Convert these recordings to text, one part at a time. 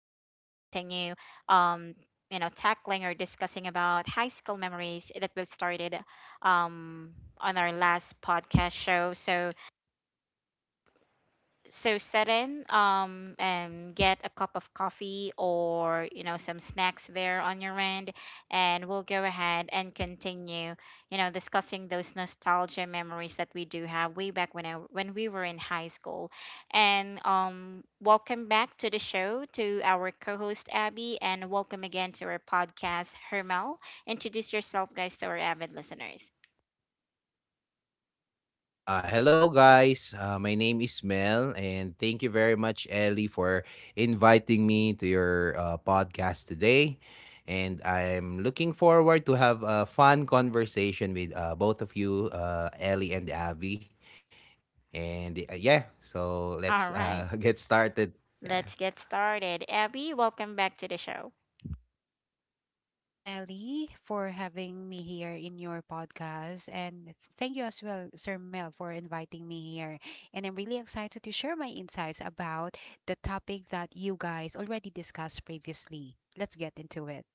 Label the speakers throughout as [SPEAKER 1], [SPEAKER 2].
[SPEAKER 1] um, Tackling or discussing about high school memories that both started, um, on our last podcast show. So set in and get a cup of coffee or some snacks there on your end, and we'll go ahead and continue discussing those nostalgia memories that we do have way back when when we were in high school. And welcome back to the show to our co-host Abby, and welcome again to our podcast, Hermel. Introduce yourself guys to our avid listeners.
[SPEAKER 2] Hello, guys. My name is Mel, and thank you very much, Ellie, for inviting me to your podcast today. And I'm looking forward to have a fun conversation with both of you, Ellie and Abby. And so let's
[SPEAKER 1] All
[SPEAKER 2] get
[SPEAKER 1] right,
[SPEAKER 2] started. Yeah,
[SPEAKER 1] let's get started. Abby, welcome back to the show.
[SPEAKER 3] Thank you, Miss Ellie, for having me here in your podcast. And thank you as well, Sir Mel, for inviting me here. And I'm really excited to share my insights about the topic that you guys already discussed previously. Let's get into it.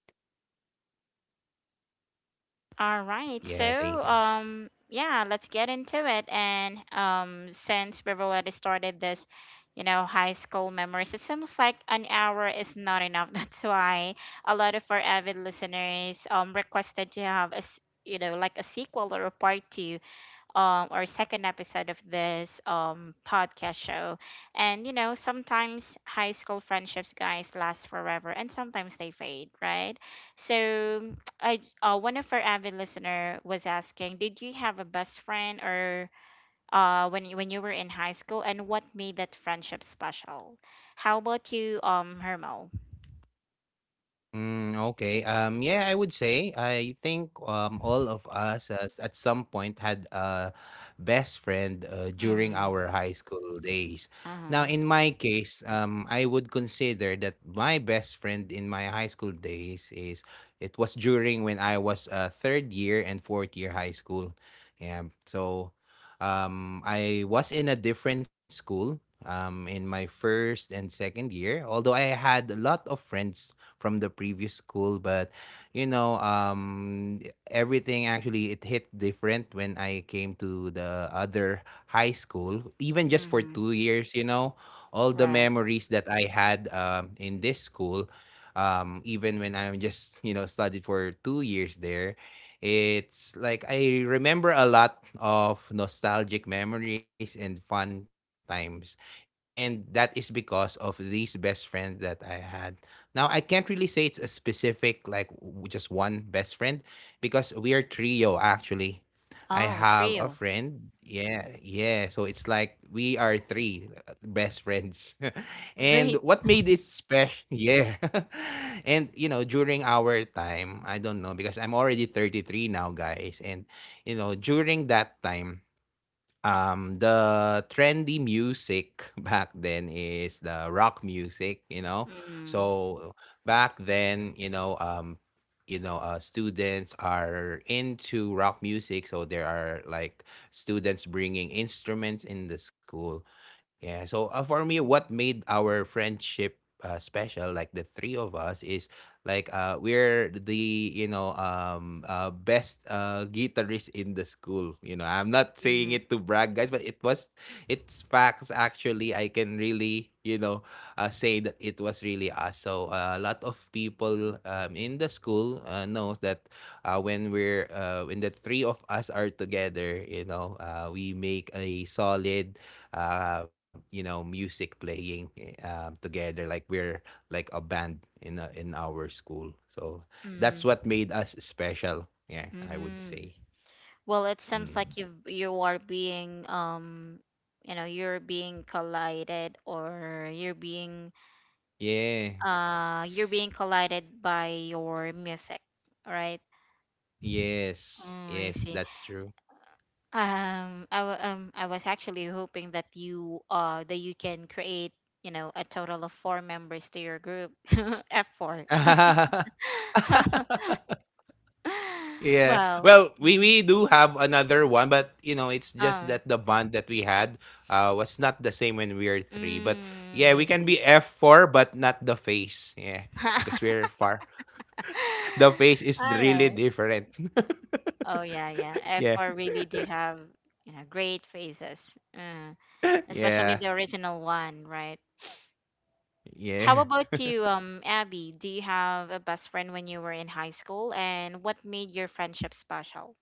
[SPEAKER 1] All right.
[SPEAKER 2] yeah. Thank you.
[SPEAKER 1] So, yeah, let's get into it. And since we've already started this, you know, high school memories, it seems like an hour is not enough. That's why a lot of our avid listeners requested to have a, s- you know, like a sequel or a part two or second episode of this podcast show. And sometimes high school friendships, guys, last forever, and sometimes they fade, right? So I one of our avid listener was asking, did you have a best friend or when you were in high school, and what made that friendship special? How about you, Hermo?
[SPEAKER 2] Mm, okay. Yeah, I would say I think all of us at some point had a best friend during
[SPEAKER 1] Mm-hmm.
[SPEAKER 2] our high school days. Now,
[SPEAKER 1] Uh-huh.
[SPEAKER 2] in my case, I would consider that my best friend in my high school days is it was during when I was third year and fourth year high school. Yeah. So, I was in a different school. In my first and second year, although I had a lot of friends from the previous school, but you know um everything, actually, it hit different when I came to the other high school, even just for
[SPEAKER 1] Mm-hmm.
[SPEAKER 2] 2 years. All the
[SPEAKER 1] Right.
[SPEAKER 2] memories that I had in this school, even when I'm just, you know, studied for 2 years there, it's like I remember a lot of nostalgic memories and fun times. And that is because of these best friends that I had. Now, I can't really say it's a specific, like just one best friend, because we are trio actually. I
[SPEAKER 1] Oh,
[SPEAKER 2] have a
[SPEAKER 1] trio.
[SPEAKER 2] friend. Yeah, yeah. So it's like we are three best friends. And
[SPEAKER 1] Great.
[SPEAKER 2] what made it special? Yeah. And you know, during our time, I don't know, because I'm already 33 now, guys. And you know, during that time, the trendy music back then is the rock music, you know.
[SPEAKER 1] Mm-hmm.
[SPEAKER 2] So back then, students are into rock music, so there are like students bringing instruments in the school. Yeah, so for me, what made our friendship special, like the three of us, is like we're the best guitarist in the school. You know, I'm not saying
[SPEAKER 1] Mm-hmm.
[SPEAKER 2] it to brag, guys, but it's facts actually. I can really, you know, say that it was really us. So a lot of people in the school knows that when the three of us are together, you know, we make a solid, music playing together. Like we're like a band in our school. So that's what made us special. Yeah, I would
[SPEAKER 1] Mm-hmm.
[SPEAKER 2] say.
[SPEAKER 1] Well, it seems
[SPEAKER 2] Mm.
[SPEAKER 1] like you're being collided or
[SPEAKER 2] Yeah.
[SPEAKER 1] you're being collided by your music, right? Oh,
[SPEAKER 2] Yes.
[SPEAKER 1] I
[SPEAKER 2] Yes,
[SPEAKER 1] see.
[SPEAKER 2] that's true.
[SPEAKER 1] I was actually hoping that you can create a total of four members to your group, F four.
[SPEAKER 2] Yeah.
[SPEAKER 1] Well,
[SPEAKER 2] Well, we
[SPEAKER 1] mm,
[SPEAKER 2] we do have another one, but you know, it's just
[SPEAKER 1] um,
[SPEAKER 2] that the bond that we had was not the same when we were three. But yeah,
[SPEAKER 1] I
[SPEAKER 2] we can
[SPEAKER 1] see.
[SPEAKER 2] be F four, but not the face. Yeah, because we're far. The face is
[SPEAKER 1] All
[SPEAKER 2] really
[SPEAKER 1] right.
[SPEAKER 2] different.
[SPEAKER 1] Oh yeah, yeah.
[SPEAKER 2] Yeah.
[SPEAKER 1] F4 really do have great faces. Uh,
[SPEAKER 2] Yeah.
[SPEAKER 1] Especially the original one, right? How
[SPEAKER 2] Yeah.
[SPEAKER 1] about you, Abby? Do you have a best friend when you were in high school, and what made your friendship special?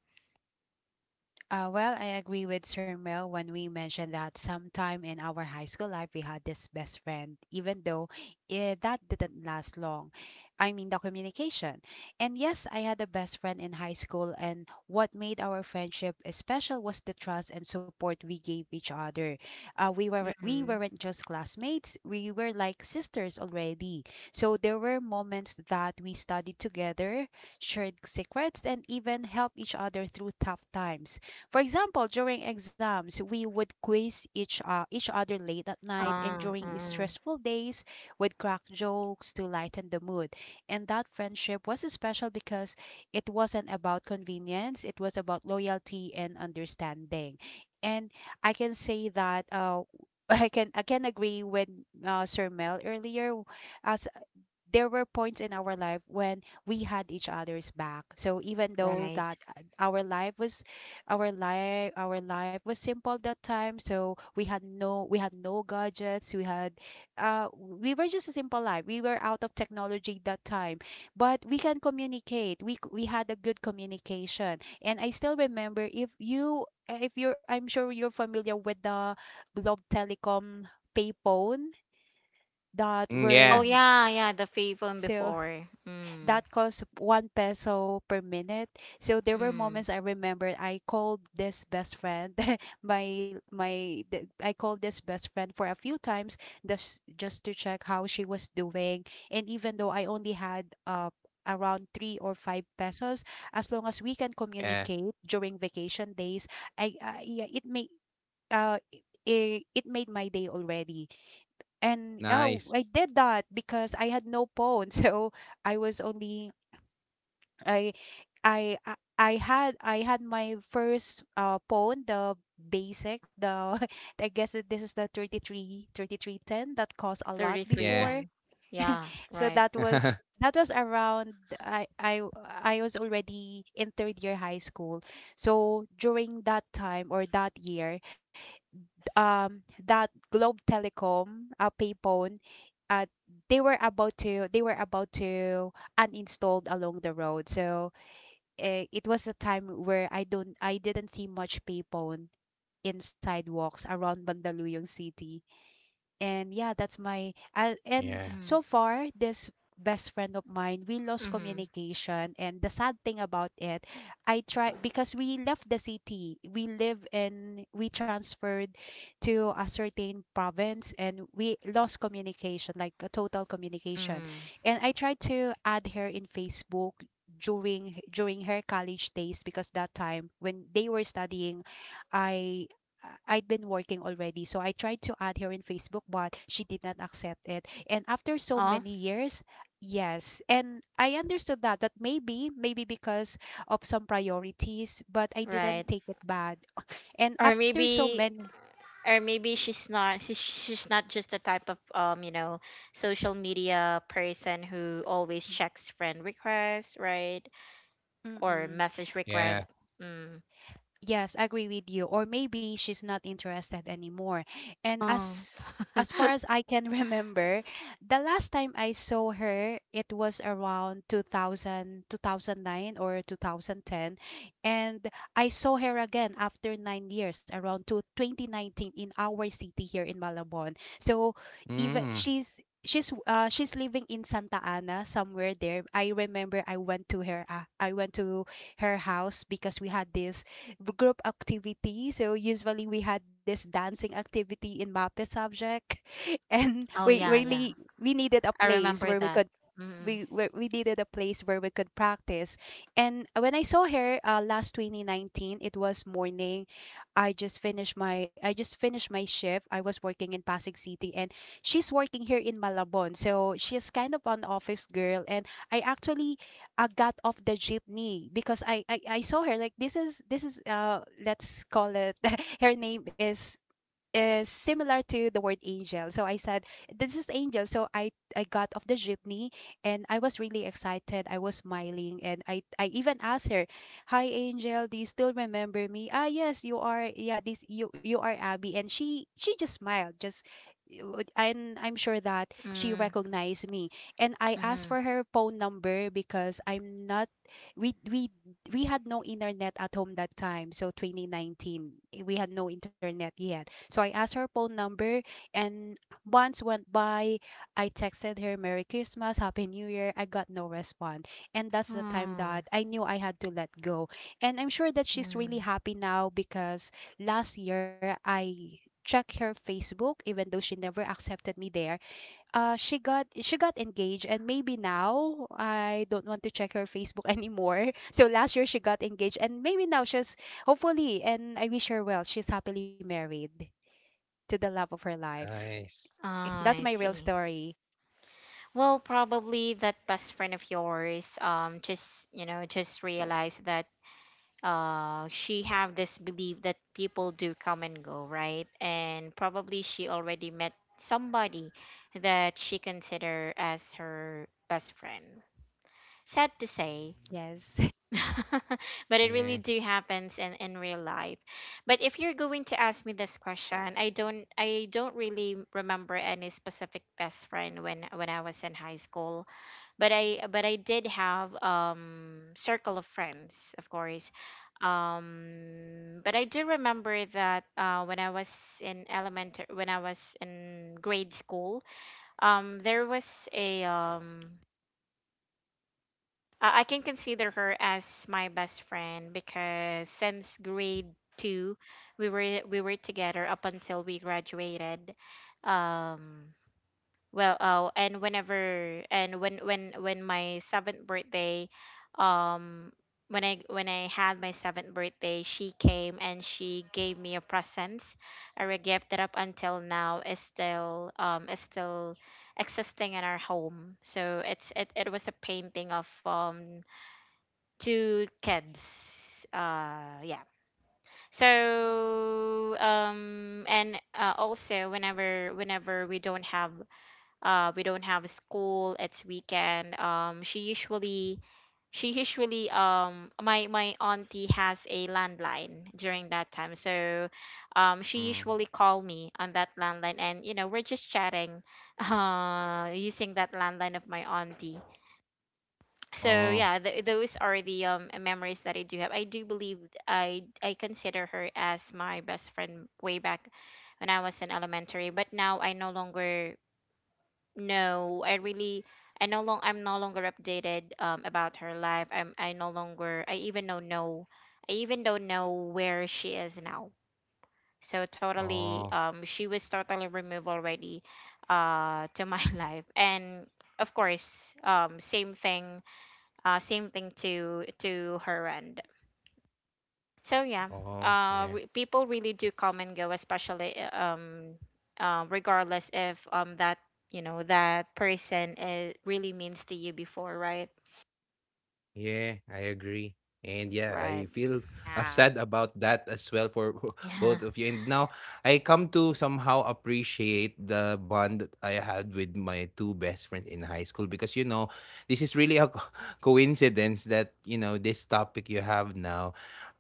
[SPEAKER 3] Well, I agree with Sir Mel when we mentioned that sometime in our high school life we had this best friend, even though that didn't last long. I mean, the communication. And yes, I had a best friend in high school, and what made our friendship special was the trust and support we gave each other. Uh, we were we
[SPEAKER 1] Mm-hmm.
[SPEAKER 3] weren't just classmates; we were like sisters already. So there were moments that we studied together, shared secrets, and even helped each other through tough times. For example, during exams, we would quiz each other late at night, and
[SPEAKER 1] Ah,
[SPEAKER 3] during
[SPEAKER 1] uh,
[SPEAKER 3] stressful days, would crack jokes to lighten the mood. And that friendship was special because it wasn't about convenience; it was about loyalty and understanding. And I can say that I can agree with Sir Mel earlier, as there were points in our life when we had each other's back. So even though
[SPEAKER 1] right.
[SPEAKER 3] that our life, our life was simple that time, so we had no gadgets, we had we were just a simple life, we were out of technology that time, but we can communicate, we had a good communication. And I still remember, if you if you're I'm sure you're familiar with the Globe Telecom payphone that
[SPEAKER 2] Mm,
[SPEAKER 3] were,
[SPEAKER 1] Oh
[SPEAKER 2] yeah,
[SPEAKER 1] yeah, yeah. The fave one
[SPEAKER 3] so
[SPEAKER 1] before.
[SPEAKER 3] that cost 1 peso per minute. So there were
[SPEAKER 1] Mm.
[SPEAKER 3] moments I remember I called this best friend, I called this best friend for a few times just to check how she was doing. And even though I only had around 3 or 5 pesos, as long as we can
[SPEAKER 2] yeah,
[SPEAKER 3] communicate during vacation days, I yeah it may uh. It, it made my day already. And oh,
[SPEAKER 2] nice.
[SPEAKER 3] I did that because I had no phone. So I was only I I had my first phone, the basic, the I guess that this is the thirty three thirty three ten that cost a lot
[SPEAKER 1] 33
[SPEAKER 2] Yeah.
[SPEAKER 3] before.
[SPEAKER 1] then. Yeah,
[SPEAKER 3] So
[SPEAKER 1] right.
[SPEAKER 3] that was around I I I was already in third year high school. So during that time or that year, that Globe Telecom pay phone uh, they were about to uninstalled along the road. So eh, it was a
[SPEAKER 2] Mm,
[SPEAKER 3] time where I didn't see much people in sidewalks around Mandaluyong City. And yeah, that's my and
[SPEAKER 2] yeah,
[SPEAKER 1] Mm,
[SPEAKER 3] so far this best friend of mine, we lost
[SPEAKER 1] mm-hmm,
[SPEAKER 3] communication. And the sad thing about it, I try, because we left the city we live in, we transferred to a certain province, and we lost communication, like a total communication.
[SPEAKER 1] mm-hmm.
[SPEAKER 3] And I tried to add her in Facebook during her college days, because that time when they were studying, i i I'd been working already. So I tried to add her in Facebook, but she did not accept it. And after so
[SPEAKER 1] Oh,
[SPEAKER 3] many years, yes. And I understood that, that maybe, maybe because of some priorities, but I didn't
[SPEAKER 1] right.
[SPEAKER 3] take it bad. And
[SPEAKER 1] Or
[SPEAKER 3] after so
[SPEAKER 1] maybe
[SPEAKER 3] many,
[SPEAKER 1] or maybe she's not she's not just the type of social media person who always checks friend requests, right, or
[SPEAKER 3] mm.
[SPEAKER 1] message requests.
[SPEAKER 2] yeah.
[SPEAKER 1] mm.
[SPEAKER 3] Yes, I agree with you. Or maybe she's not interested anymore. And
[SPEAKER 1] oh
[SPEAKER 3] as far as I can remember, the last time I saw her, it was around 2000 nine or 2010. And I saw her again after 9 years, around to 2019 in our city here in Malabon. So even
[SPEAKER 2] Mm,
[SPEAKER 3] she's living in Santa Ana somewhere there. I remember I went to her I went to her house because we had this group activity. So usually we had this dancing activity in MAPE subject, and
[SPEAKER 1] oh
[SPEAKER 3] we
[SPEAKER 1] yeah, yeah,
[SPEAKER 3] really we needed a
[SPEAKER 1] I
[SPEAKER 3] place
[SPEAKER 1] remember
[SPEAKER 3] where we
[SPEAKER 1] that.
[SPEAKER 3] could
[SPEAKER 1] mm
[SPEAKER 3] we needed a place where we could practice. And when I saw her last 2019, it was morning. I just finished my shift. I was working in Pasig City, and she's working here in Malabon. So she's kind of an office girl, and I actually got off the jeepney because, I saw her, like, this is let's call it her name is similar to the word angel. So I said, "This is Angel." So I got off the jeepney, and I was really excited. I was smiling, and I even asked her, "Hi Angel, do you still remember me?" "Ah, yes, you are. Yeah, this you are Abby." And she just smiled. Just and I'm sure that she
[SPEAKER 1] mm
[SPEAKER 3] recognized me. And I asked for
[SPEAKER 1] mm-hmm.
[SPEAKER 3] her phone number because I'm not we we had no internet at home that time, so 2019, eh, we had no internet yet, so I asked her phone number. And months went by. I texted her merry Christmas, happy new year. I got no response. And that's the time
[SPEAKER 1] mm
[SPEAKER 3] that I knew I had to let go. And I'm sure that she's really
[SPEAKER 1] mm
[SPEAKER 3] happy now because last year I checked her Facebook even though she never accepted me there. She got engaged, and maybe now I don't want to check her Facebook anymore. So last year she got engaged, and maybe now she's hopefully, and I wish her well, she's happily married to the love of her life.
[SPEAKER 2] nice.
[SPEAKER 1] Oh,
[SPEAKER 3] That's
[SPEAKER 1] I
[SPEAKER 3] my real
[SPEAKER 1] see.
[SPEAKER 3] story.
[SPEAKER 1] Well, probably that best friend of yours, just just realized that she have this belief that people do come and go, right, and probably she already met somebody that she consider as her best friend, sad to say.
[SPEAKER 3] Yes.
[SPEAKER 1] But it really
[SPEAKER 2] Yeah,
[SPEAKER 1] do happens in real life. But if you're going to ask me this question, I don't really remember any specific best friend when I was in high school, but I did have circle of friends, of course. But I do remember that when I was in elementary, when I was in grade school, there was a I can consider her as my best friend because since grade two, we were together up until we graduated. Um, and when my seventh birthday, um, when I had my seventh birthday, she came and she gave me a present, a gift that up until now is still existing in our home. So it was a painting of two kids. Yeah. So and also whenever we don't have school, it's weekend. She usually my auntie has a landline during that time, so she usually
[SPEAKER 2] mm.
[SPEAKER 1] call me on that landline, and we're just chatting using that landline of my auntie. So yeah,
[SPEAKER 2] Oh,
[SPEAKER 1] those are the memories that I do have. I do believe I consider her as my best friend way back when I was in elementary, but now I no longer — no, I really — I'm no longer updated about her life. I even don't know, where she is now. So totally
[SPEAKER 2] oh,
[SPEAKER 1] she was totally removed already to my life. And of course, same thing to her end. So yeah,
[SPEAKER 2] oh, yeah,
[SPEAKER 1] people really do
[SPEAKER 2] it's
[SPEAKER 1] come and go, especially um, regardless if that really means to you before, right?
[SPEAKER 2] yeah, I agree. And yeah, I
[SPEAKER 1] Right.
[SPEAKER 2] feel
[SPEAKER 3] Yeah.
[SPEAKER 2] sad about that as well for
[SPEAKER 1] Yeah.
[SPEAKER 2] both of you. And now I come to somehow appreciate the bond that I had with my two best friends in high school, because you know, this is really a coincidence that, you know, this topic you have now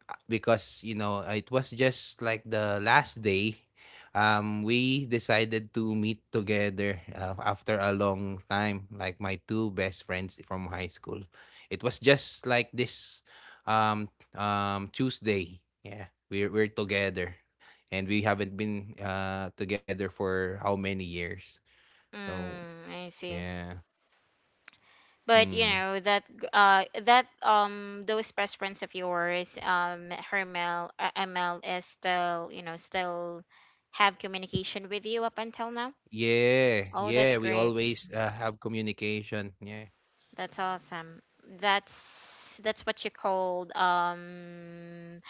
[SPEAKER 2] because, you know, it was just like the last day we decided to meet together after a long time, like my two best friends from high school. It was just like this um Tuesday. Yeah. We're together. And we haven't been together for how many years. So
[SPEAKER 1] I see.
[SPEAKER 2] yeah.
[SPEAKER 1] But you
[SPEAKER 2] Mm.
[SPEAKER 1] know that that those best friends of yours, Hermel, ML, is still still have communication with you up until now.
[SPEAKER 2] Yeah,
[SPEAKER 1] Oh,
[SPEAKER 2] yeah.
[SPEAKER 1] that's
[SPEAKER 2] We
[SPEAKER 1] great.
[SPEAKER 2] always have communication. Yeah.
[SPEAKER 1] That's awesome. That's what you called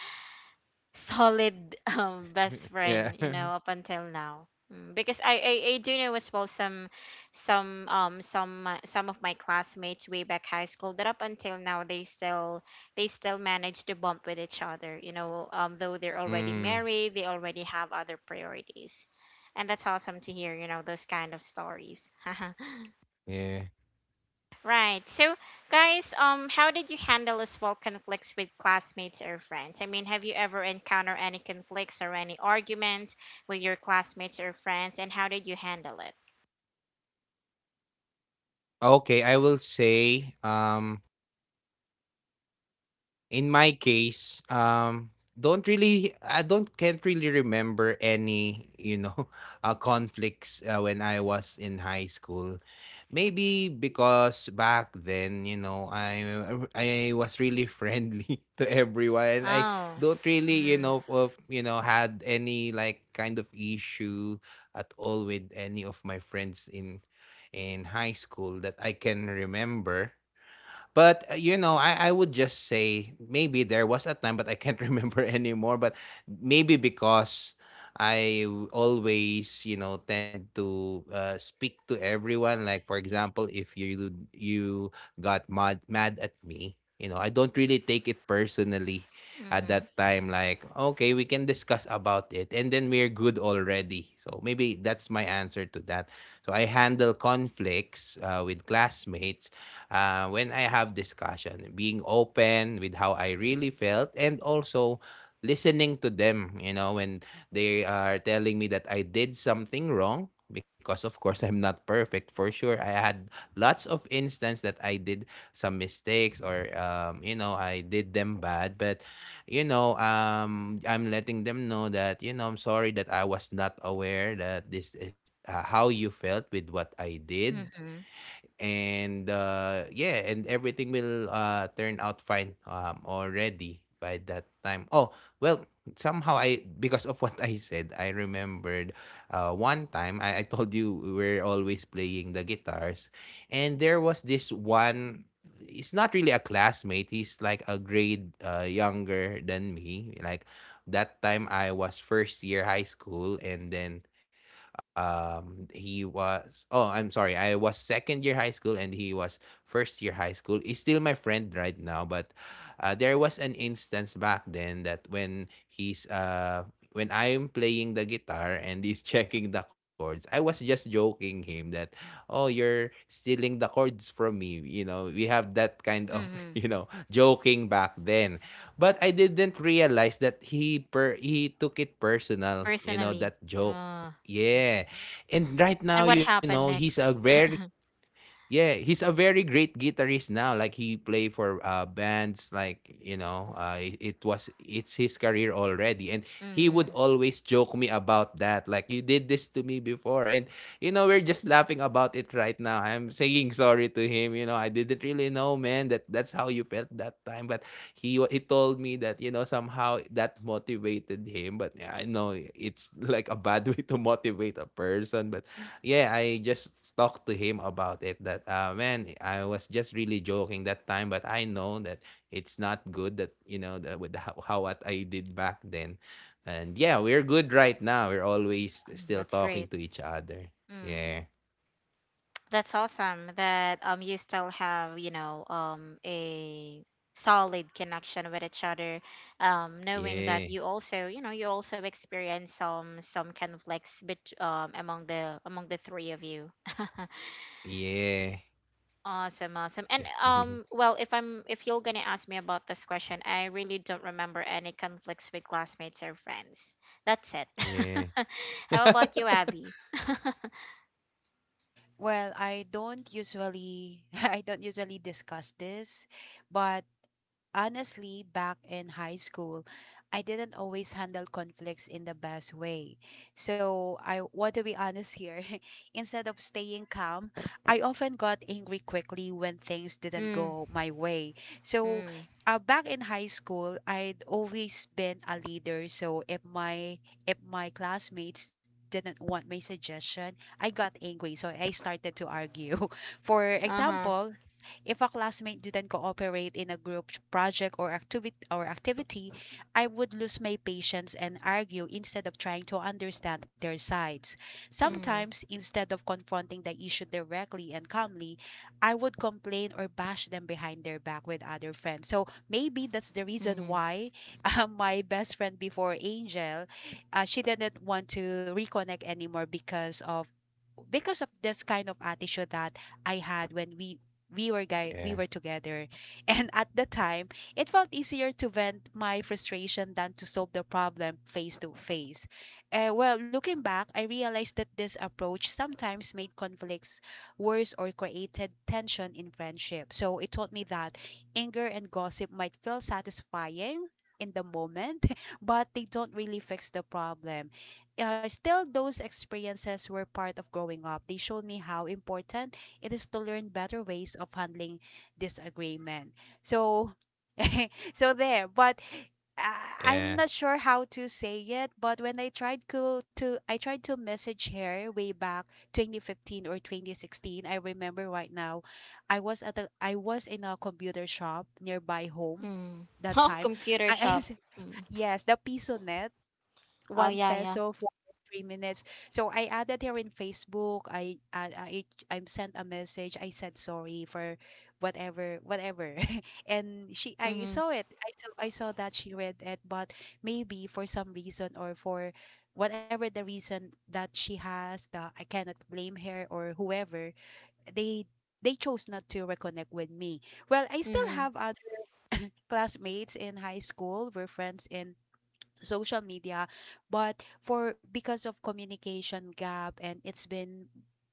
[SPEAKER 1] solid best friend,
[SPEAKER 2] Yeah.
[SPEAKER 1] you know, up until now. Because I do know as well some some of my classmates way back high school that up until now they still manage to bump with each other, though they're already
[SPEAKER 2] Mm,
[SPEAKER 1] married. They already have other priorities. And that's awesome to hear those kind of stories.
[SPEAKER 2] yeah.
[SPEAKER 1] Right. So, guys, how did you handle as well conflicts with classmates or friends? I mean, have you ever encountered any conflicts or any arguments with your classmates or friends, and how did you handle it?
[SPEAKER 2] Okay, I will say in my case, don't really, I don't can't really remember any, you know, conflicts when I was in high school. Maybe because back then, you know, I was really friendly to everyone. I
[SPEAKER 1] Oh.
[SPEAKER 2] don't really, you
[SPEAKER 1] Mm.
[SPEAKER 2] know, had any like kind of issue at all with any of my friends in high school that I can remember. But you know, I would just say maybe there was a time, but I can't remember anymore. But maybe because I always, you know, tend to speak to everyone. Like for example, if you got mad at me, you know, I don't really take it personally at that
[SPEAKER 1] Mm-hmm.
[SPEAKER 2] time. Like okay, we can discuss about it, and then we're good already. So maybe that's my answer to that. So I handle conflicts with classmates when I have discussion, being open with how I really felt and also listening to them, you know, when they are telling me that I did something wrong, because of course I'm not perfect for sure. I had lots of instance that I did some mistakes or you know, I did them bad, but you know, I'm letting them know that, you know, I'm sorry that I was not aware that this is how you felt with what I did.
[SPEAKER 1] Mm-hmm.
[SPEAKER 2] And yeah, and everything will turn out fine already by that time. Oh well, somehow I, because of what I said, I remembered one time, I told you we were always playing the guitars, and there was this one. It's not really a classmate. He's like a grade younger than me. Like that time I was first year high school, and then he was oh, I'm sorry. I was second year high school and he was first year high school. He's still my friend right now, but there was an instance back then that when I'm playing the guitar and he's checking the chords, I was just joking him that, oh, you're stealing the chords from me. You know, we have that kind of
[SPEAKER 1] Mm-hmm.
[SPEAKER 2] you know, joking back then. But I didn't realize that he took it personal, you know,
[SPEAKER 1] Personally.
[SPEAKER 2] that joke.
[SPEAKER 1] Uh,
[SPEAKER 2] Yeah. And right now,
[SPEAKER 1] and what
[SPEAKER 2] you know,
[SPEAKER 1] happened
[SPEAKER 2] he's a
[SPEAKER 1] next?
[SPEAKER 2] very Yeah, he's a very great guitarist now. Like he play for bands like, you know, it's his career already, and he would
[SPEAKER 1] Mm-hmm.
[SPEAKER 2] always joke me about that, like you did this to me before, and you know, we're just laughing about it right now. I'm saying sorry to him, you know. I didn't really know, man, that that's how you felt that time, but he told me that, you know, somehow that motivated him, but yeah, I know it's like a bad way to motivate a person, but yeah, I just talked to him about it that man, I was just really joking that time, but I know that it's not good that, you know, that with how what I did back then. And yeah, we're good right now. We're always still
[SPEAKER 1] That's
[SPEAKER 2] talking
[SPEAKER 1] great.
[SPEAKER 2] to each other.
[SPEAKER 1] Mm.
[SPEAKER 2] Yeah.
[SPEAKER 1] That's awesome that you still have a solid connection with each other knowing that
[SPEAKER 2] Yeah.
[SPEAKER 1] you also experience some conflicts bet among the three of you.
[SPEAKER 2] Yeah.
[SPEAKER 1] Awesome, and well, if you're gonna ask me about this question, I really don't remember any conflicts with classmates or friends. That's it.
[SPEAKER 2] Yeah.
[SPEAKER 1] How about you, Abby?
[SPEAKER 3] Well, I don't usually I don't usually discuss this, but honestly, back in high school, I didn't always handle conflicts in the best way. So, I want to be honest here. Instead of staying calm, I often got angry quickly when things didn't
[SPEAKER 1] mm,
[SPEAKER 3] go my way. So,
[SPEAKER 1] mm,
[SPEAKER 3] back in high school, I'd always been a leader. So, if my classmates didn't want my suggestion, I got angry. So, I started to argue. For
[SPEAKER 1] uh-huh.
[SPEAKER 3] example, if a classmate didn't cooperate in a group project or activity, I would lose my patience and argue instead of trying to understand their sides.
[SPEAKER 1] mm,
[SPEAKER 3] Sometimes, instead of confronting the issue directly and calmly, I would complain or bash them behind their back with other friends. So maybe that's the reason
[SPEAKER 1] mm.
[SPEAKER 3] why my best friend before, Angel, she didn't want to reconnect anymore because of this kind of attitude that I had when we were guy we were
[SPEAKER 2] Yeah.
[SPEAKER 3] together. And at the time it felt easier to vent my frustration than to solve the problem face to face. Well, looking back, I realized that this approach sometimes made conflicts worse or created tension in friendship. So it taught me that anger and gossip might feel satisfying in the moment, but they don't really fix the problem. Still, those experiences were part of growing up. They showed me how important it is to learn better ways of handling disagreement. So, so there. But I'm not
[SPEAKER 2] Yeah.
[SPEAKER 3] sure how to say it. But when I tried to, I tried to message her way back 2015 or 2016. I remember right now, I was at I was in a computer shop nearby home
[SPEAKER 1] Mm.
[SPEAKER 3] that
[SPEAKER 1] Oh,
[SPEAKER 3] time.
[SPEAKER 1] computer
[SPEAKER 3] I, I
[SPEAKER 1] shop.
[SPEAKER 3] s-
[SPEAKER 1] Mm.
[SPEAKER 3] yes, the pisonet,
[SPEAKER 1] Oh,
[SPEAKER 3] one
[SPEAKER 1] yeah, yeah.
[SPEAKER 3] peso for 3 minutes. So I added her in Facebook. I sent a message. I said sorry for whatever whatever, and she I
[SPEAKER 1] Mm-hmm.
[SPEAKER 3] saw it. I saw that she read it, but maybe for some reason or for whatever the reason that she has, that I cannot blame her or whoever they. They chose not to reconnect with me. Well, I still
[SPEAKER 1] Mm-hmm.
[SPEAKER 3] have other classmates in high school. We're friends in social media, but for because of communication gap, and it's been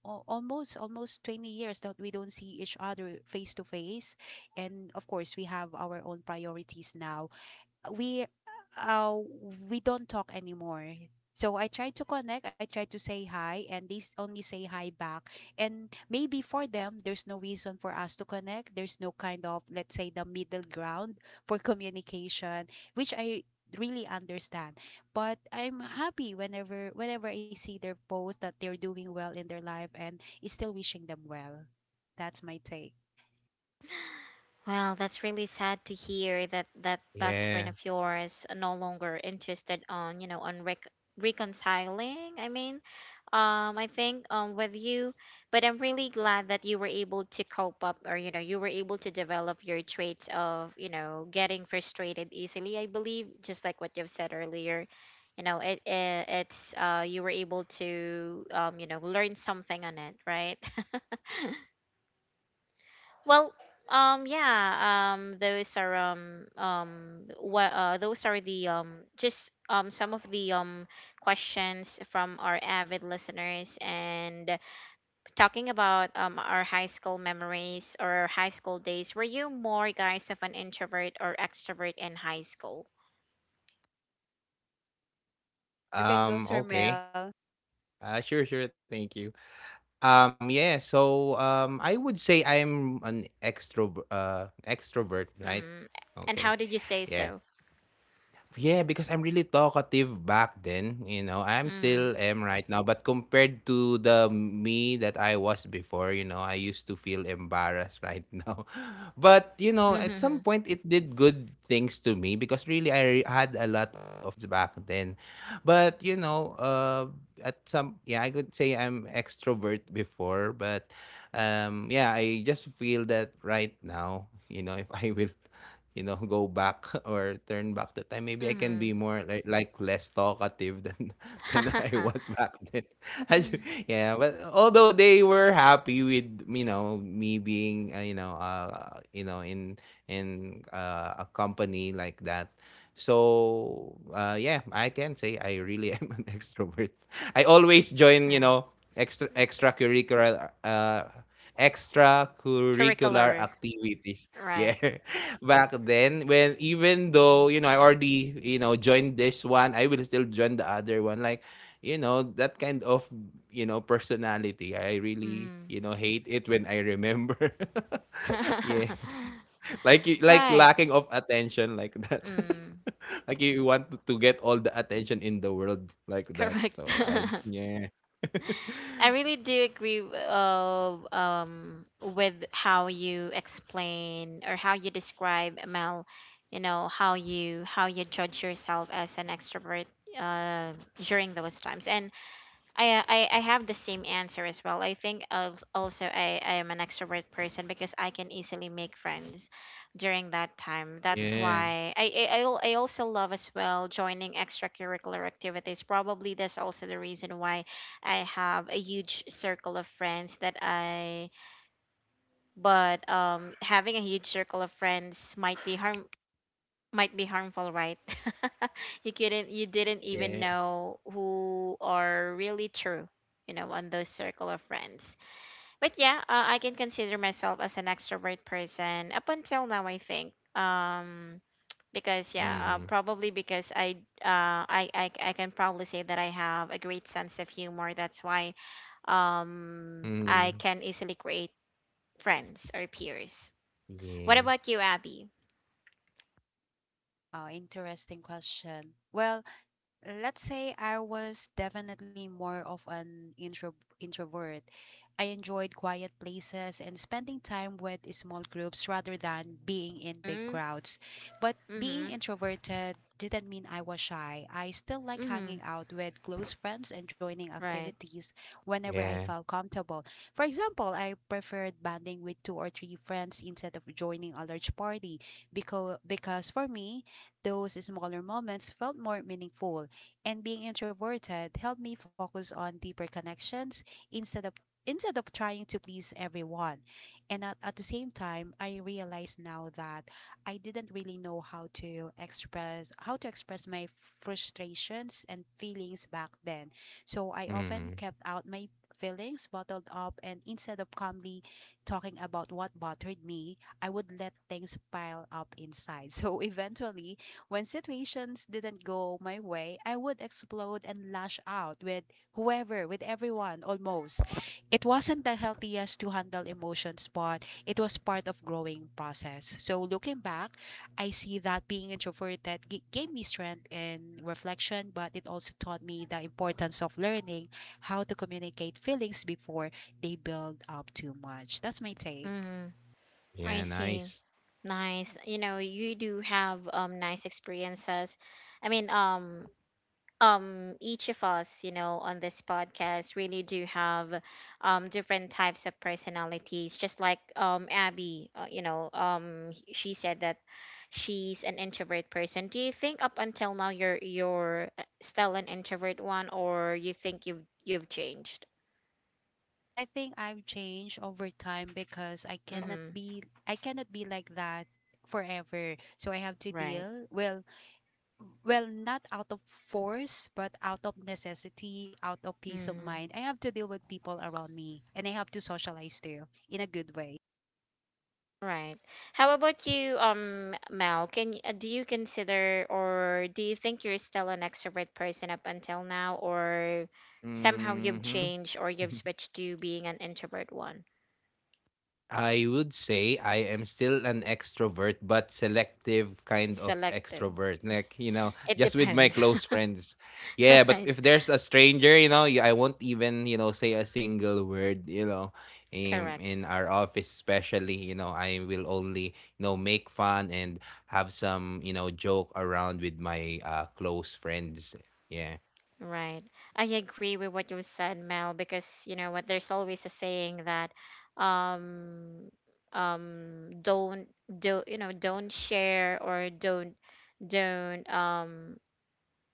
[SPEAKER 3] almost 20 years that we don't see each other face to face. And of course we have our own priorities now. we uh we don't talk anymore. So I try to connect, I try to say hi, and only say hi back. And maybe for them, there's no reason for us to connect. There's no kind of, let's say, the middle ground for communication, which I really understand. But I'm happy whenever I see their post that they're doing well in their life, and is still wishing them well. That's my take.
[SPEAKER 1] Well, that's really sad to hear that that best friend of
[SPEAKER 2] Yeah.
[SPEAKER 1] yours no longer interested on, reconciling. I mean, I think with you, but I'm really glad that you were able to cope up, or you were able to develop your trait of getting frustrated easily. I believe, just like what you've said earlier, you know it, it it's you were able to learn something on it, right? Well, yeah, those are the just some of the questions from our avid listeners. And talking about our high school memories or high school days, were you more guys of an introvert or extrovert in high school?
[SPEAKER 3] You can go, Sir Mel.
[SPEAKER 2] Okay. Sure, thank you. Yeah. So, I would say I'm an extrovert, right?
[SPEAKER 1] Mm. And how
[SPEAKER 2] Okay.
[SPEAKER 1] did you say
[SPEAKER 2] Yeah.
[SPEAKER 1] so?
[SPEAKER 2] Yeah, because I'm really talkative back then, you know. I'm
[SPEAKER 1] Mm.
[SPEAKER 2] still am right now, but compared to the me that I was before, you know, I used to feel embarrassed right now. But, you know, at some
[SPEAKER 1] Mm-hmm.
[SPEAKER 2] point it did good things to me because really I had a lot of back then. But, you know, at some yeah, I could say I'm extrovert before, but yeah, I just feel that right now, you know, if I will, you know, go back or turn back the time, maybe I can
[SPEAKER 1] Mm-hmm.
[SPEAKER 2] be more like less talkative than than I was back then. I ju- yeah, but although they were happy with, you know, me being in a company like that. So yeah, I can say I really am an extrovert. I always join, you
[SPEAKER 1] Right.
[SPEAKER 2] know, extracurricular extracurricular
[SPEAKER 1] Curricular,
[SPEAKER 2] activities. Yeah,
[SPEAKER 1] right?
[SPEAKER 2] back then, when, even though, you know, I already, you know, joined this one, I will still join the other one. Like, you know, that kind of, you know, personality. I really,
[SPEAKER 1] Mm.
[SPEAKER 2] you know, hate it when I remember. Yeah. Like you like
[SPEAKER 1] Right.
[SPEAKER 2] lacking of attention like that.
[SPEAKER 1] Mm.
[SPEAKER 2] Like you want to get all the attention in the world like that.
[SPEAKER 1] Correct.
[SPEAKER 2] So I yeah.
[SPEAKER 1] I really do agree with how you explain or how you describe, Mel, how you judge yourself as an extrovert uh, during those times. And I have the same answer as well. I think also I am an extrovert person because I can easily make friends during that time. That's
[SPEAKER 2] Yeah.
[SPEAKER 1] why I also love as well joining extracurricular activities. Probably that's also the reason why I have a huge circle of friends that I, but having a huge circle of friends might be harmful, right. You didn't even
[SPEAKER 2] Yeah.
[SPEAKER 1] know who are really true on those circle of friends. But yeah, I can consider myself as an extrovert person up until now, I think. Because yeah,
[SPEAKER 2] Mhm.
[SPEAKER 1] probably because I can probably say that I have a great sense of humor, that's why
[SPEAKER 2] Mhm.
[SPEAKER 1] I can easily create friends or peers. What
[SPEAKER 2] Yeah.
[SPEAKER 1] about you, Abby?
[SPEAKER 3] Oh, interesting question. Well, let's say I was definitely more of an introvert. I enjoyed quiet places and spending time with small groups rather than being in big
[SPEAKER 1] Hmm?
[SPEAKER 3] crowds. But being
[SPEAKER 1] Mm-hmm.
[SPEAKER 3] introverted didn't mean I was shy. I still like
[SPEAKER 1] Mm-hmm.
[SPEAKER 3] hanging out with close friends and joining
[SPEAKER 1] Right.
[SPEAKER 3] activities whenever I
[SPEAKER 2] Yeah.
[SPEAKER 3] felt comfortable. For example, I preferred banding with two or three friends instead of joining a large party because for me, those smaller moments felt more meaningful and being introverted helped me focus on deeper connections instead of instead of trying to please everyone. And at the same time, I realize now that I didn't really know how to express my frustrations and feelings back then. So I often
[SPEAKER 2] Mhm.
[SPEAKER 3] kept out my feelings bottled up and instead of calmly talking about what bothered me, I would let things pile up inside. So eventually, when situations didn't go my way, I would explode and lash out with whoever, with everyone almost. It wasn't the healthiest to handle emotions, but it was part of growing process. So looking back, I see that being introverted gave me strength and reflection, but it also taught me the importance of learning how to communicate feelings before they build up too much. That's my take.
[SPEAKER 1] Mm, I
[SPEAKER 2] Yeah,
[SPEAKER 1] see.
[SPEAKER 2] nice.
[SPEAKER 1] Nice. You know, you do have nice experiences. I mean, each of us, you know, on this podcast really do have different types of personalities. Just like Abby, she said that she's an introvert person. Do you think up until now you're still an introvert one, or you think you've changed?
[SPEAKER 3] I think I've changed over time because I cannot
[SPEAKER 1] Mm-hmm.
[SPEAKER 3] be I cannot be like that forever. So I have to
[SPEAKER 1] Right.
[SPEAKER 3] deal well not out of force but out of necessity, out of peace of mind. I have to deal with people around me and I have to socialize too in a good way.
[SPEAKER 1] Right. How about you, Mel? Do you consider or do you think you're still an extrovert person up until now, or somehow you've
[SPEAKER 2] Mhm.
[SPEAKER 1] changed or you've switched to being an introvert one?
[SPEAKER 2] I would say I am still an extrovert, but selective kind of
[SPEAKER 1] Selective.
[SPEAKER 2] extrovert. Like, you know,
[SPEAKER 1] It
[SPEAKER 2] just with my
[SPEAKER 1] depends.
[SPEAKER 2] close friends. Yeah, but
[SPEAKER 1] Right.
[SPEAKER 2] if there's a stranger, I won't even, say a single word, in,
[SPEAKER 1] Correct.
[SPEAKER 2] in our office, especially, I will only, make fun and have some, joke around with my close friends. Yeah,
[SPEAKER 1] Right. I agree with what you said, Mel, because you know what, there's always a saying that um don't, do you know don't share, or don't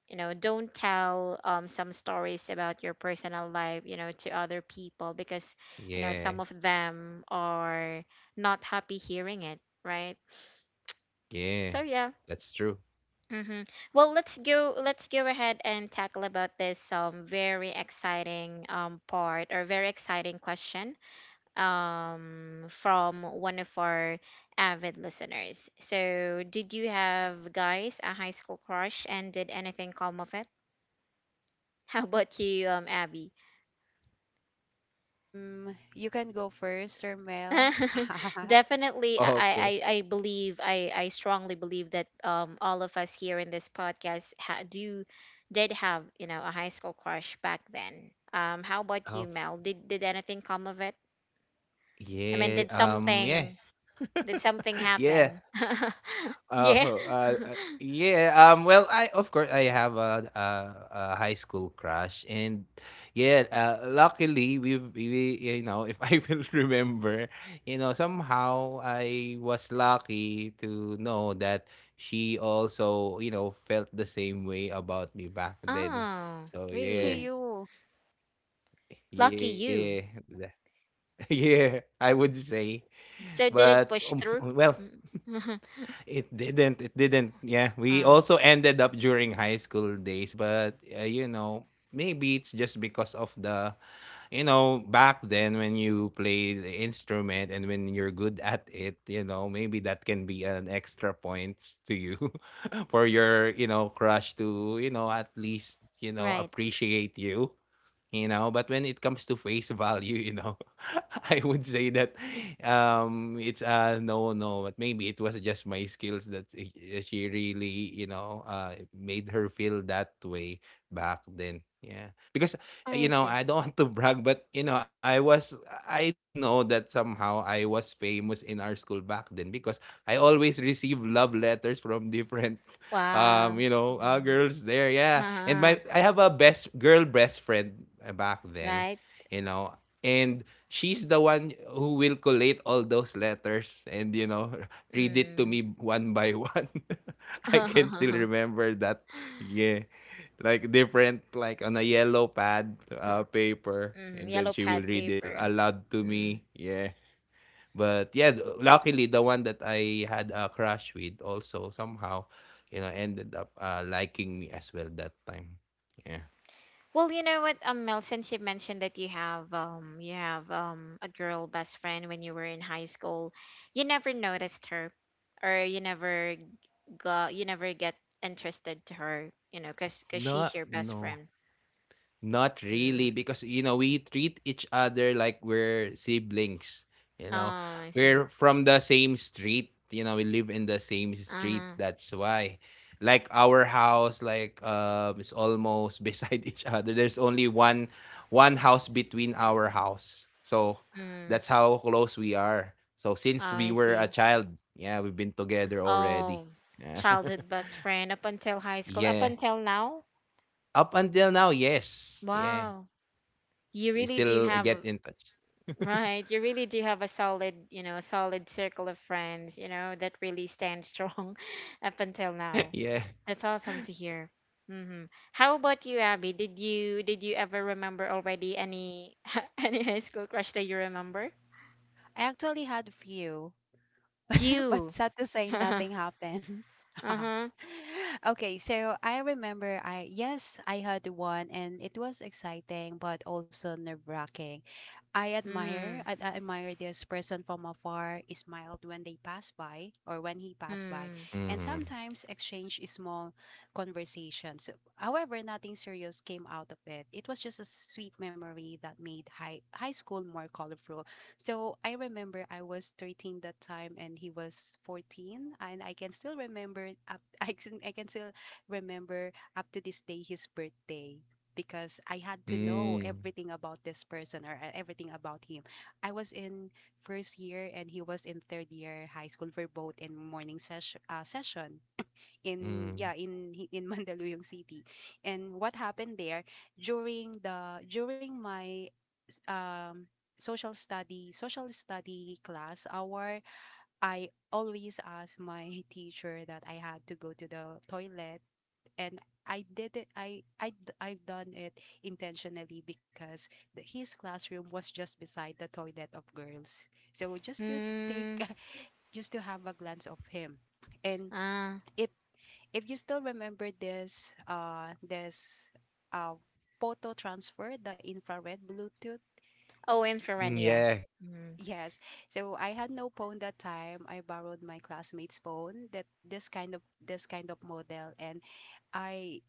[SPEAKER 1] don't tell some stories about your personal life, to other people, because some
[SPEAKER 2] yeah,
[SPEAKER 1] of them are not happy hearing it, right? So
[SPEAKER 2] yeah.
[SPEAKER 1] yeah.
[SPEAKER 2] That's true.
[SPEAKER 1] hmm well, let's go ahead and tackle about this very exciting part, or very exciting question, from one of our avid listeners. So did you have, guys, a high school crush, and did anything come of it? How about you, Abby?
[SPEAKER 3] Mm, you can go first, Sir Mel.
[SPEAKER 1] Definitely,
[SPEAKER 2] Okay.
[SPEAKER 1] I believe, I strongly believe that all of us here in this podcast ha- do did have, you know, a high school crush back then. How about you,
[SPEAKER 2] Of
[SPEAKER 1] Mel? Did anything come of it? I mean,
[SPEAKER 2] yeah, yeah,
[SPEAKER 1] did something
[SPEAKER 2] yeah.
[SPEAKER 1] happen? Yeah.
[SPEAKER 2] Uh-huh. Yeah. Well, I of course I have a high school crush, and yeah. Luckily, we you know if I will remember, somehow I was lucky to know that she also felt the same way about me back then.
[SPEAKER 1] Oh,
[SPEAKER 2] So
[SPEAKER 3] Lucky
[SPEAKER 2] yeah,
[SPEAKER 1] really?
[SPEAKER 3] you.
[SPEAKER 1] Lucky
[SPEAKER 2] yeah,
[SPEAKER 1] you.
[SPEAKER 2] yeah. I would say,
[SPEAKER 1] So
[SPEAKER 2] but
[SPEAKER 1] did it push through?
[SPEAKER 2] well,
[SPEAKER 1] Mm.
[SPEAKER 2] It didn't. It didn't. Yeah, we
[SPEAKER 1] Uh,
[SPEAKER 2] also ended up during high school days, but maybe it's just because of the, back then when you play the instrument and when you're good at it, maybe that can be an extra point to you for your, crush to, at least
[SPEAKER 1] right.
[SPEAKER 2] appreciate you you know but when it comes to face value. I would say that it's no, no, but maybe it was just my skills that she really made her feel that way back then, yeah, because
[SPEAKER 1] Oh, I see.
[SPEAKER 2] i don't want to brag, but I know that somehow I was famous in our school back then because I always receive love letters from different
[SPEAKER 1] Wow.
[SPEAKER 2] girls there. Yeah. And my
[SPEAKER 1] Mhm.
[SPEAKER 2] I have a best girl best friend back then,
[SPEAKER 1] Right.
[SPEAKER 2] you know, and she's the one who will collate all those letters and read it to
[SPEAKER 1] Mm.
[SPEAKER 2] me one by one. I can still remember that. Yeah, like different, like on a yellow pad paper,
[SPEAKER 1] Mm,
[SPEAKER 2] and then
[SPEAKER 1] yellow
[SPEAKER 2] she will
[SPEAKER 1] pad
[SPEAKER 2] read it
[SPEAKER 1] paper.
[SPEAKER 2] aloud to
[SPEAKER 1] Mm.
[SPEAKER 2] me, yeah. But yeah, luckily the one that I had a crush with also somehow ended up liking me as well that time, yeah.
[SPEAKER 1] Well, you know what, Mel, since you mentioned that you have a girl best friend when you were in high school, you never noticed her, or you never get interested to her, you know, 'cause
[SPEAKER 2] No,
[SPEAKER 1] she's your best
[SPEAKER 2] no.
[SPEAKER 1] friend.
[SPEAKER 2] Not really,
[SPEAKER 1] Mm.
[SPEAKER 2] because we treat each other like we're siblings. You
[SPEAKER 1] Oh,
[SPEAKER 2] know,
[SPEAKER 1] I see.
[SPEAKER 2] we're from the same street. You know, we live in the same street.
[SPEAKER 1] Uh-huh.
[SPEAKER 2] That's why, like our house, like is almost beside each other. There's only one house between our house. So
[SPEAKER 1] Mm.
[SPEAKER 2] that's how close we are. So
[SPEAKER 1] Oh,
[SPEAKER 2] since
[SPEAKER 1] I
[SPEAKER 2] we were a
[SPEAKER 1] see.
[SPEAKER 2] child, yeah, we've been together already.
[SPEAKER 1] Oh,
[SPEAKER 2] Yeah,
[SPEAKER 1] childhood best friend up until high school, up
[SPEAKER 2] yeah.
[SPEAKER 1] until now.
[SPEAKER 2] Up until now, yes, yeah.
[SPEAKER 1] Wow. you
[SPEAKER 2] We
[SPEAKER 1] really do
[SPEAKER 2] still
[SPEAKER 1] have
[SPEAKER 2] get
[SPEAKER 1] a-
[SPEAKER 2] in touch.
[SPEAKER 1] Right, you really do have a solid, solid circle of friends, you know, that really stand strong. Up until now,
[SPEAKER 2] Yeah.
[SPEAKER 1] that's awesome to hear. Mm-hmm. How about you, Abby? Did you ever remember already any any high school crush that you remember?
[SPEAKER 3] I actually had few. But
[SPEAKER 1] Q
[SPEAKER 3] sad to say, nothing happened.
[SPEAKER 1] Uh-huh.
[SPEAKER 3] Okay, so I remember I yes, I had one and it was exciting but also nerve-wracking. I admire
[SPEAKER 1] Mm.
[SPEAKER 3] I, I admire this person from afar. He smiled when they pass by, or when he passed by
[SPEAKER 1] Mm.
[SPEAKER 3] and
[SPEAKER 2] Mhm.
[SPEAKER 3] sometimes exchange small conversations. However, nothing serious came out of it. It was just a sweet memory that made high school more colorful. So I remember I was 13 that time and he was 14, and I can still remember I can still remember up to this day his birthday because I had to know
[SPEAKER 2] Mm.
[SPEAKER 3] everything about this person, or everything about him. I was in first year and he was in third year high school, for both in morning session, in yeah
[SPEAKER 2] Mm.
[SPEAKER 3] in hi- in Mandaluyong City. And what happened there during my um social study class hour, I always ask my teacher that I had to go to the toilet, and I did it. I've done it intentionally because his classroom was just beside the toilet of girls. So just to take,
[SPEAKER 1] Mm.
[SPEAKER 3] just to have a glance of him, and
[SPEAKER 1] uh
[SPEAKER 3] if if you still remember this, uh, photo transfer, the infrared Bluetooth.
[SPEAKER 1] oh,
[SPEAKER 2] Mm,
[SPEAKER 1] infrared. Yeah.
[SPEAKER 2] yeah,
[SPEAKER 1] Mm.
[SPEAKER 3] Yes. So I had no phone that time. I borrowed my classmate's phone, that this kind of model, and I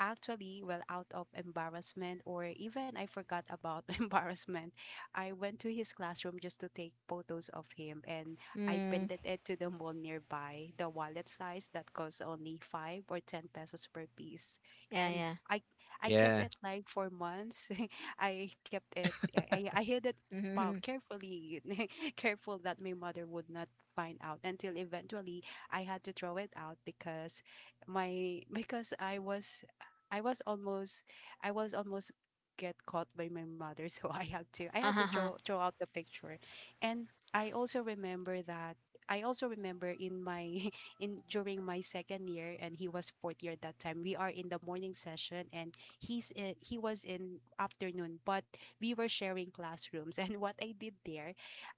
[SPEAKER 3] actually, well, out of embarrassment, or even I forgot about embarrassment. I went to his classroom just to take photos of him, and I
[SPEAKER 1] Mm.
[SPEAKER 3] pinned it to the mall nearby, the wallet size that costs only 5 or 10 pesos per piece.
[SPEAKER 1] Yeah,
[SPEAKER 3] And
[SPEAKER 1] yeah.
[SPEAKER 3] I I kept
[SPEAKER 2] yeah,
[SPEAKER 3] it like for months. I kept it. I hid it about
[SPEAKER 1] Mm-hmm.
[SPEAKER 3] carefully, careful that my mother would not find out, until eventually I had to throw it out because my because I was I was almost I was almost get caught by my mother, so I had to throw
[SPEAKER 1] Uh-huh.
[SPEAKER 3] throw out the picture. And I also remember that I also remember in my in during my second year and he was fourth year. At that time, we are in the morning session and he was in afternoon, but we were sharing classrooms. And what I did there,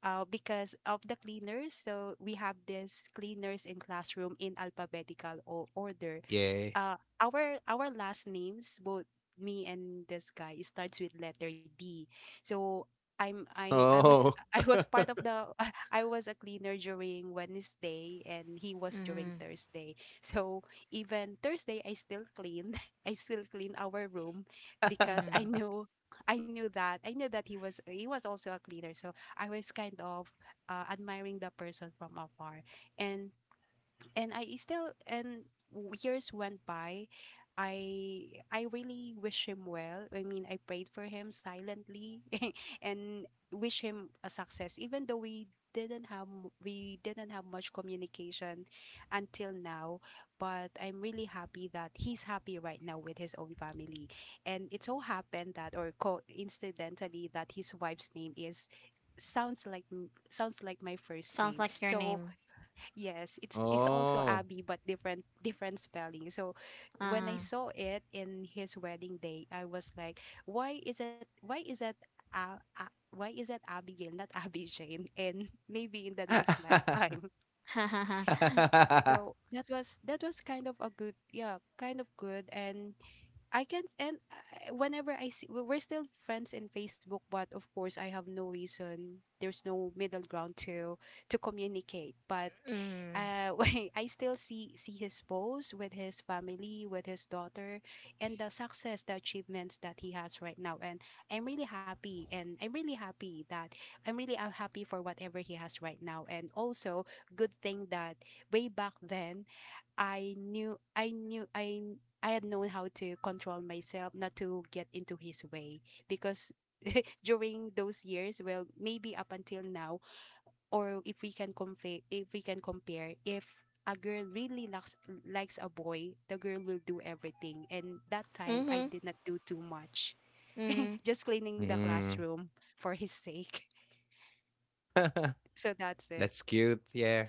[SPEAKER 3] because of the cleaners, so we have these cleaners in classroom in alphabetical order.
[SPEAKER 2] yeah.
[SPEAKER 3] Our last names, both me and this guy, it starts with letter D. So I was
[SPEAKER 2] Oh.
[SPEAKER 3] I was part of the I was a cleaner during Wednesday, and he was during
[SPEAKER 1] Mm-hmm.
[SPEAKER 3] Thursday. So even Thursday I still clean I still clean our room because I
[SPEAKER 1] Mm-hmm.
[SPEAKER 3] knew I knew that he was also a cleaner. So I was kind of admiring the person from afar. And and I still and w- Years went by. I really wish him well. I mean, I prayed for him silently and wish him a success, even though we didn't have much communication until now. But I'm really happy that he's happy right now with his own family. And it so happened that, or coincidentally, that his wife's name is sounds like my first
[SPEAKER 1] Sounds
[SPEAKER 3] name.
[SPEAKER 1] like your
[SPEAKER 3] So
[SPEAKER 1] name.
[SPEAKER 3] yes, it's also
[SPEAKER 2] Oh.
[SPEAKER 3] Abby, but different different spelling. So when I
[SPEAKER 1] Uh,
[SPEAKER 3] saw it in his wedding day, I was like, why is it, why is that Abigail not Abby Jane? And maybe in the next lifetime. So that was kind of a good, yeah, kind of good. And I can not and I- whenever I see, we- we're still friends in Facebook, but of course I have no reason. There's no middle ground to communicate. But
[SPEAKER 1] mm.
[SPEAKER 3] when I still see his posts with his family, with his daughter, and the success, the achievements that he has right now, and I'm really happy. And I'm really happy that I'm really happy for whatever he has right now. And also, good thing that way back then, I I had known how to control myself not to get into his way because during those years, well, maybe up until now, or if we can compare, if a girl really likes a boy, the girl will do everything. And that time, I
[SPEAKER 1] Mhm.
[SPEAKER 3] did not do too much,
[SPEAKER 1] Mhm.
[SPEAKER 3] just cleaning the
[SPEAKER 2] Mm.
[SPEAKER 3] classroom for his sake. So that's it.
[SPEAKER 2] That's cute. Yeah,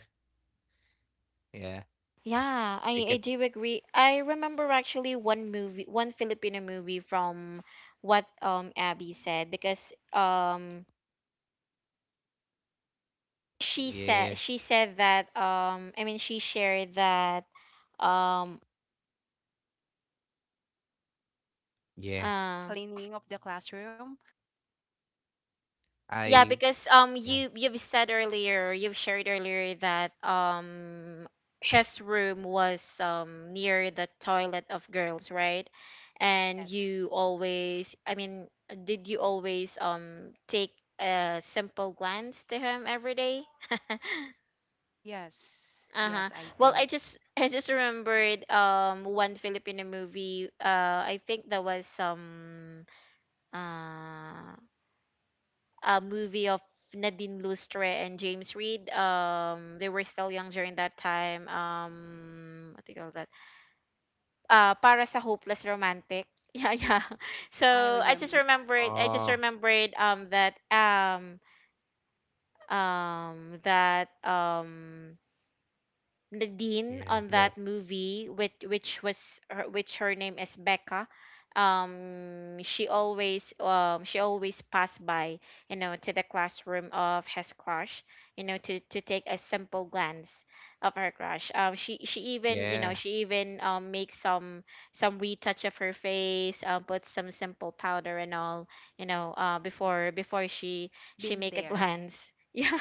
[SPEAKER 2] yeah.
[SPEAKER 1] Yeah,
[SPEAKER 2] I
[SPEAKER 1] I
[SPEAKER 2] get
[SPEAKER 1] do agree. I remember actually one movie, one Filipino movie from what Abby said, because
[SPEAKER 2] Yeah,
[SPEAKER 1] she said that, I mean, she shared that um
[SPEAKER 2] yeah.
[SPEAKER 3] The
[SPEAKER 1] uh
[SPEAKER 3] cleaning of the classroom,
[SPEAKER 1] Yeah,
[SPEAKER 2] I
[SPEAKER 1] because
[SPEAKER 2] Yeah.
[SPEAKER 1] you've said earlier, you've shared earlier, that his room was near the toilet of girls, right? And
[SPEAKER 3] yes,
[SPEAKER 1] you always, I mean, did you always take a simple glance to him every day? Uh-huh.
[SPEAKER 3] yes, I
[SPEAKER 1] Well,
[SPEAKER 3] did.
[SPEAKER 1] I just I just remembered one Filipino movie. I think that was uh movie of Nadine Lustre and James Reid. They were still young during that time. What do you call that? Para sa Hopeless Romantic. Yeah, yeah.
[SPEAKER 3] I
[SPEAKER 1] So I just
[SPEAKER 3] remember.
[SPEAKER 1] remembered. I just
[SPEAKER 2] Oh,
[SPEAKER 1] remembered that that Nadine
[SPEAKER 2] yeah,
[SPEAKER 1] on
[SPEAKER 2] that
[SPEAKER 1] that movie, which was her, which her name is Becca. She always passed by, you know, to the classroom of his crush, you know, to take a simple glance of her crush. She even you
[SPEAKER 2] yeah,
[SPEAKER 1] know she even, makes some retouch of her face, put some simple powder and all, you know,
[SPEAKER 3] Mm-mm.
[SPEAKER 1] before she
[SPEAKER 3] Been
[SPEAKER 1] make a
[SPEAKER 3] there.
[SPEAKER 1] glance. Yeah,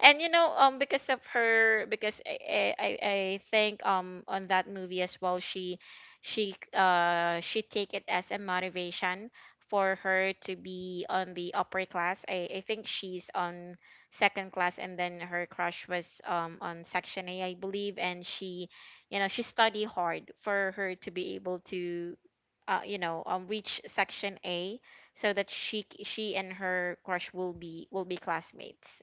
[SPEAKER 1] and you know, because of her, because I think, on that movie as well, she take it as a motivation for her to be on the upper class. I think she's on second class, and then her crush was on section A, I believe, and she study hard for her to be able to, reach section A, so that she and her crush will be classmates.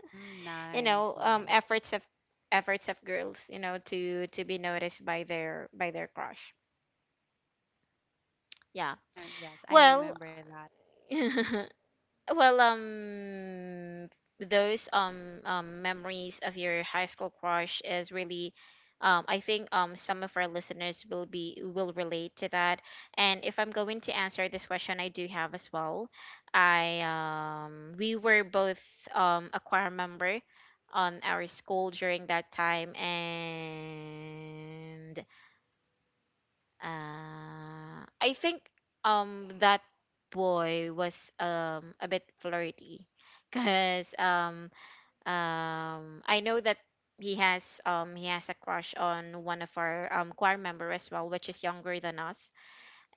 [SPEAKER 3] Mm,
[SPEAKER 1] You know,
[SPEAKER 3] nice, nice.
[SPEAKER 1] efforts of girls, you know, to be noticed by their crush. Yeah.
[SPEAKER 3] Yes, I
[SPEAKER 1] Well,
[SPEAKER 3] remember that.
[SPEAKER 1] well, those memories of your high school crush is really, I think, some of our listeners will be will relate to that. And if I'm going to answer this question, I do have as well. I We were both a choir member on our school during that time, and I think that boy was a bit flirty, because I know that he has a crush on one of our choir member as well, which is younger than us,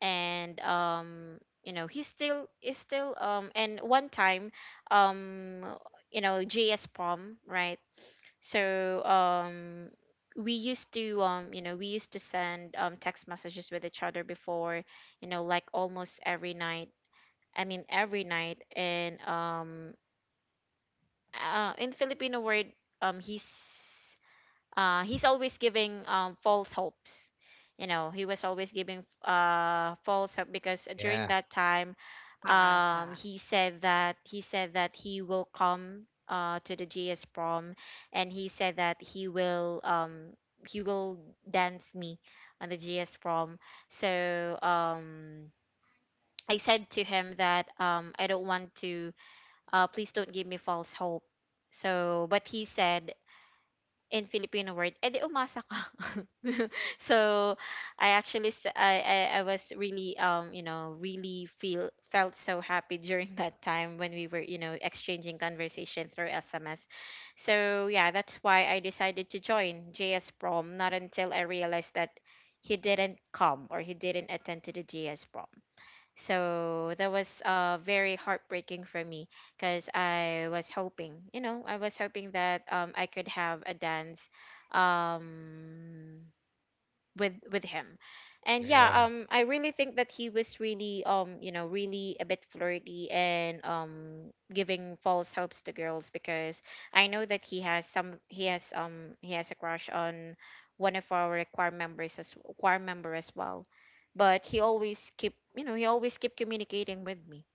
[SPEAKER 1] and you know, he's still is still, and one time, um you know, JS prom, right? So we used to you know we used to send text messages with each other before, you know, like almost every night, I mean, every night. And in Filipino word, um he's he's always giving, false hopes. You know, he was always giving, false hope, because
[SPEAKER 2] yeah,
[SPEAKER 1] during that time,
[SPEAKER 3] Or paasa
[SPEAKER 1] he said that he will come, to the GS prom, and he said that he will dance me on the GS prom. So, I said to him that, I don't want to. Please don't give me false hope. So, but he said, in Filipino word, edi umasa ka. So I was really, you know, really feel felt so happy during that time when we were, you know, exchanging conversation through SMS. So yeah, that's why I decided to join JS Prom. Not until I realized that he didn't come, or he didn't attend to the JS Prom. So that was, very heartbreaking for me, because I was hoping, you know, I was hoping that, I could have a dance, um, with him. And
[SPEAKER 2] yeah.
[SPEAKER 1] yeah, I really think that he was really, you know, really a bit flirty, and giving false hopes to girls, because I know that he has some he has a crush on one of our choir member as well, but he always keep, you know, he always keep communicating with me.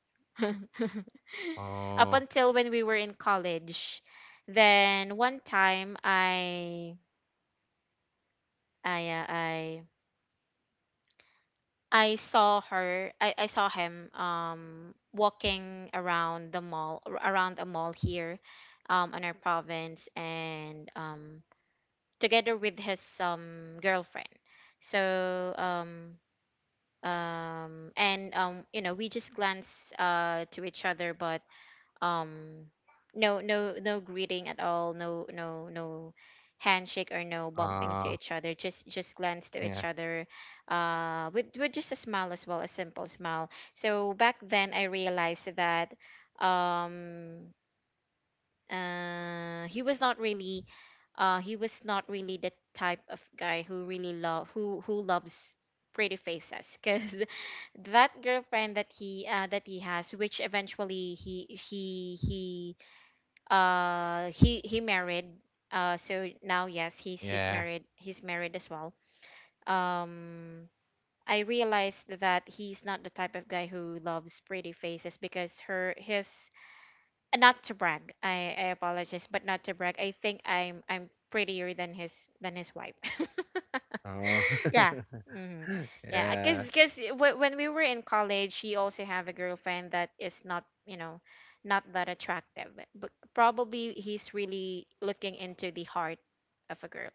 [SPEAKER 2] Oh,
[SPEAKER 1] Up until when we were in college, then one time, i uh, i I saw him walking around around a mall here in our province, and together with his girlfriend. So and you know, we just glance, to each other, but um no greeting at all, no handshake, or no bumping
[SPEAKER 2] uh,
[SPEAKER 1] to each other, just glance to
[SPEAKER 2] yeah,
[SPEAKER 1] each other, with just a smile as well, a simple smile. So back then I realized that um uh he was not really he was not really the type of guy who really love who loves pretty faces, because that girlfriend that he has, which eventually he married. So now, yes, he's he's
[SPEAKER 2] yeah.
[SPEAKER 1] married he's married as well. um I realized that he's not the type of guy who loves pretty faces, because her his, not to brag, I apologize, but not to brag, I think I'm prettier than his wife.
[SPEAKER 2] Oh.
[SPEAKER 1] Yeah. Mm-hmm. Yeah,
[SPEAKER 2] Yeah,
[SPEAKER 1] because when we were in college, he also have a girlfriend that is not, you know, not that attractive. But probably he's really looking into the heart of a girl.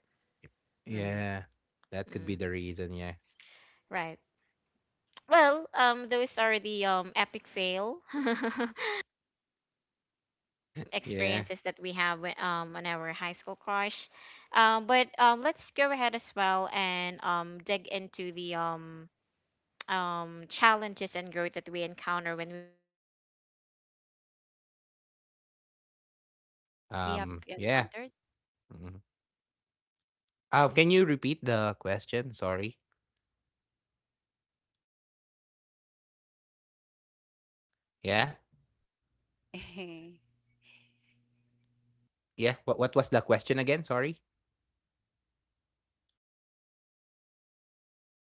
[SPEAKER 2] yeah.
[SPEAKER 1] Mm-hmm.
[SPEAKER 2] That could be
[SPEAKER 1] Mm.
[SPEAKER 2] the reason, yeah.
[SPEAKER 1] Right. Well, those are the epic fail
[SPEAKER 2] Yeah.
[SPEAKER 1] experiences that we have with, on our high school crush. But, let's go ahead as well and dig into the challenges and growth that we encounter when we were in high school. What was the biggest challenge, guys, you faced in high school?
[SPEAKER 3] that we have
[SPEAKER 2] Yeah.
[SPEAKER 3] encountered.
[SPEAKER 2] Mhm. Oh, can you repeat
[SPEAKER 1] Probably
[SPEAKER 2] the
[SPEAKER 1] this is
[SPEAKER 2] question?
[SPEAKER 1] about,
[SPEAKER 2] Sorry.
[SPEAKER 1] this is about um, you know, academic, um,
[SPEAKER 2] Yeah?
[SPEAKER 1] part of being a high school.
[SPEAKER 2] Yeah, what
[SPEAKER 1] So,
[SPEAKER 2] what was the question
[SPEAKER 1] what's your
[SPEAKER 2] again? Sorry.
[SPEAKER 1] intake, guys, on this question?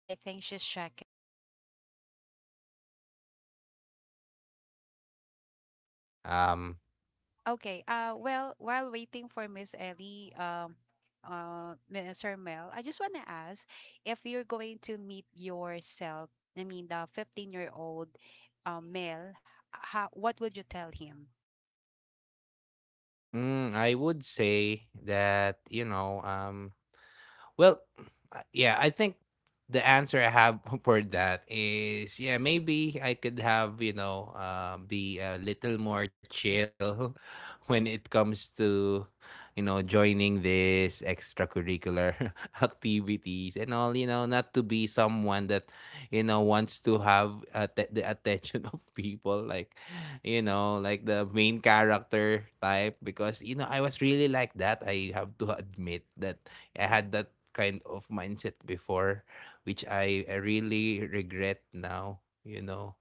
[SPEAKER 3] I think she's checking.
[SPEAKER 1] If I'm well, if I'm going to answer this question.
[SPEAKER 2] Um,
[SPEAKER 3] Okay. Well, while waiting for Miss Ellie, Mister Mel, I just want to ask if you're going to meet yourself. I mean, the 15-year-old, Mel. How, what would you tell him?
[SPEAKER 2] I would say that, well, yeah, I think the answer I have for that is yeah, maybe I could have, be a little more chill when it comes to, joining this extracurricular activities and all, not to be someone that, wants to have the attention of people, like, like the main character type. Because, I was really like that. I have to admit that I had that kind of mindset before, which I really regret now.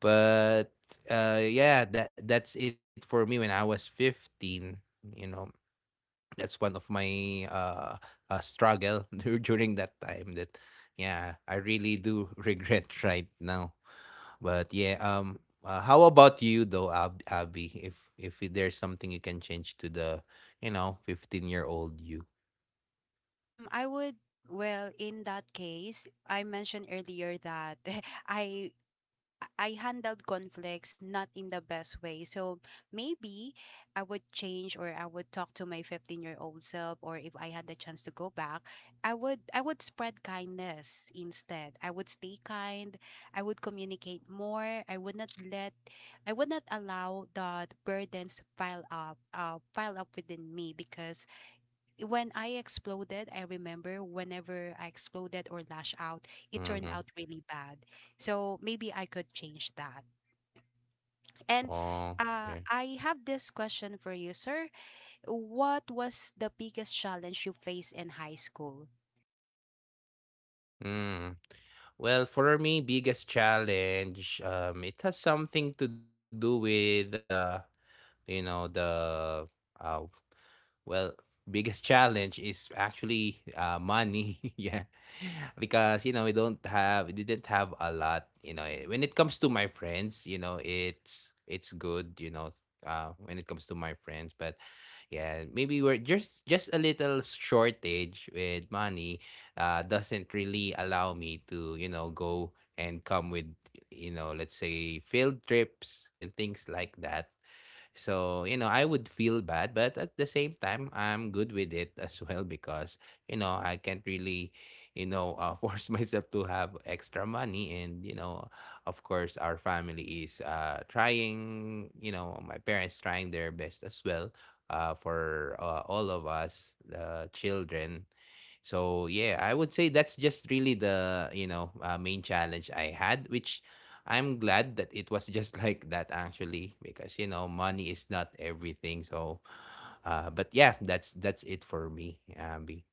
[SPEAKER 2] But yeah, that's it for me when I was 15, you know. That's one of my struggle during that time that yeah, I really do regret right now. But yeah, how about you though, Abby? If there's something you can change to the, 15-year-old you.
[SPEAKER 3] Mm, I would, well, in that case, I mentioned earlier that I I handled conflicts not in the best way. So maybe I would change, or I would talk to my 15-year-old self, or if I had the chance to go back, I would spread kindness instead. I would stay kind. I would communicate more. I would not allow that burdens pile up within me because when I exploded, I remember, whenever I exploded or lash out, it turned
[SPEAKER 2] Mm-hmm.
[SPEAKER 3] out really bad. So maybe I could change that. And
[SPEAKER 2] Oh, yeah.
[SPEAKER 3] I have this question for you, sir. What was the biggest challenge you faced in high school?
[SPEAKER 2] Mm. Well, for me, biggest challenge, it has something to do with, you know, the uh, well, biggest challenge is actually money. Yeah, because you know we didn't have a lot. You know, when it comes to my friends, it's good. When it comes to my friends, but yeah, maybe we're just a little shortage with money. Doesn't really allow me to go and come with let's say field trips and things like that, so, I would feel bad, but at the same time, I'm good with it as well because, I can't really, force myself to have extra money. And, of course, our family is trying, my parents trying their best as well for all of us, the children, so yeah, I would say that's just really the main challenge I had, which I'm glad that it was just like that actually, because money is not everything. So, but yeah, that's it for me, Abby.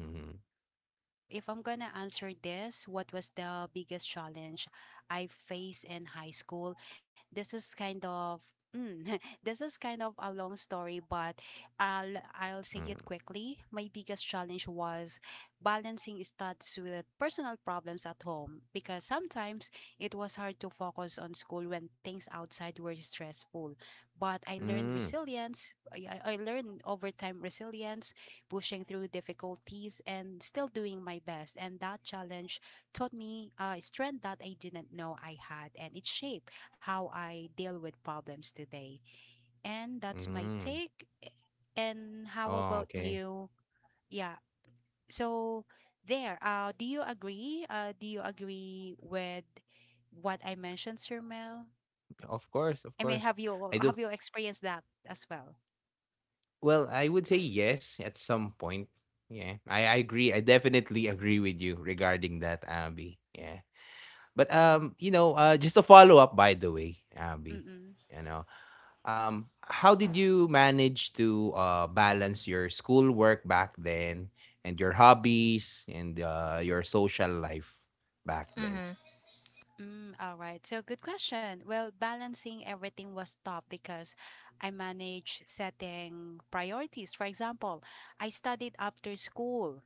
[SPEAKER 2] Mm-hmm.
[SPEAKER 3] All right. So, if I'm going to answer this, what was the biggest challenge I faced in high school? This is kind of this is kind of a long story, but I'll say it quickly. My biggest challenge was balancing studies with personal problems at home, because sometimes it was hard to focus on school when things outside were stressful. But I learned
[SPEAKER 2] Mm-hmm.
[SPEAKER 3] resilience. I learned over time resilience, pushing through difficulties and still doing my best. And that challenge taught me strength that I didn't know I had, and it shaped how I deal with problems today. And that's my
[SPEAKER 2] Mm-hmm.
[SPEAKER 3] take. And how
[SPEAKER 2] Oh,
[SPEAKER 3] about
[SPEAKER 2] okay.
[SPEAKER 3] you? Yeah. So there. Do you agree with what I mentioned, Sir Mel?
[SPEAKER 2] Of course,
[SPEAKER 3] I
[SPEAKER 2] of
[SPEAKER 3] mean,
[SPEAKER 2] course. I
[SPEAKER 3] have
[SPEAKER 2] do.
[SPEAKER 3] you experienced that as well?
[SPEAKER 2] Well, I would say yes at some point. Yeah, I agree. I definitely agree with you regarding that, Abby. Yeah. But just a follow up, by the way, Abby,
[SPEAKER 3] Mm-mm.
[SPEAKER 2] you know, how did you manage to balance your schoolwork back then and your hobbies and your social life back then?
[SPEAKER 1] Mm-hmm.
[SPEAKER 3] Mm, all right. So, good question. Well, balancing everything was tough because I managed setting priorities. For example, I studied after school,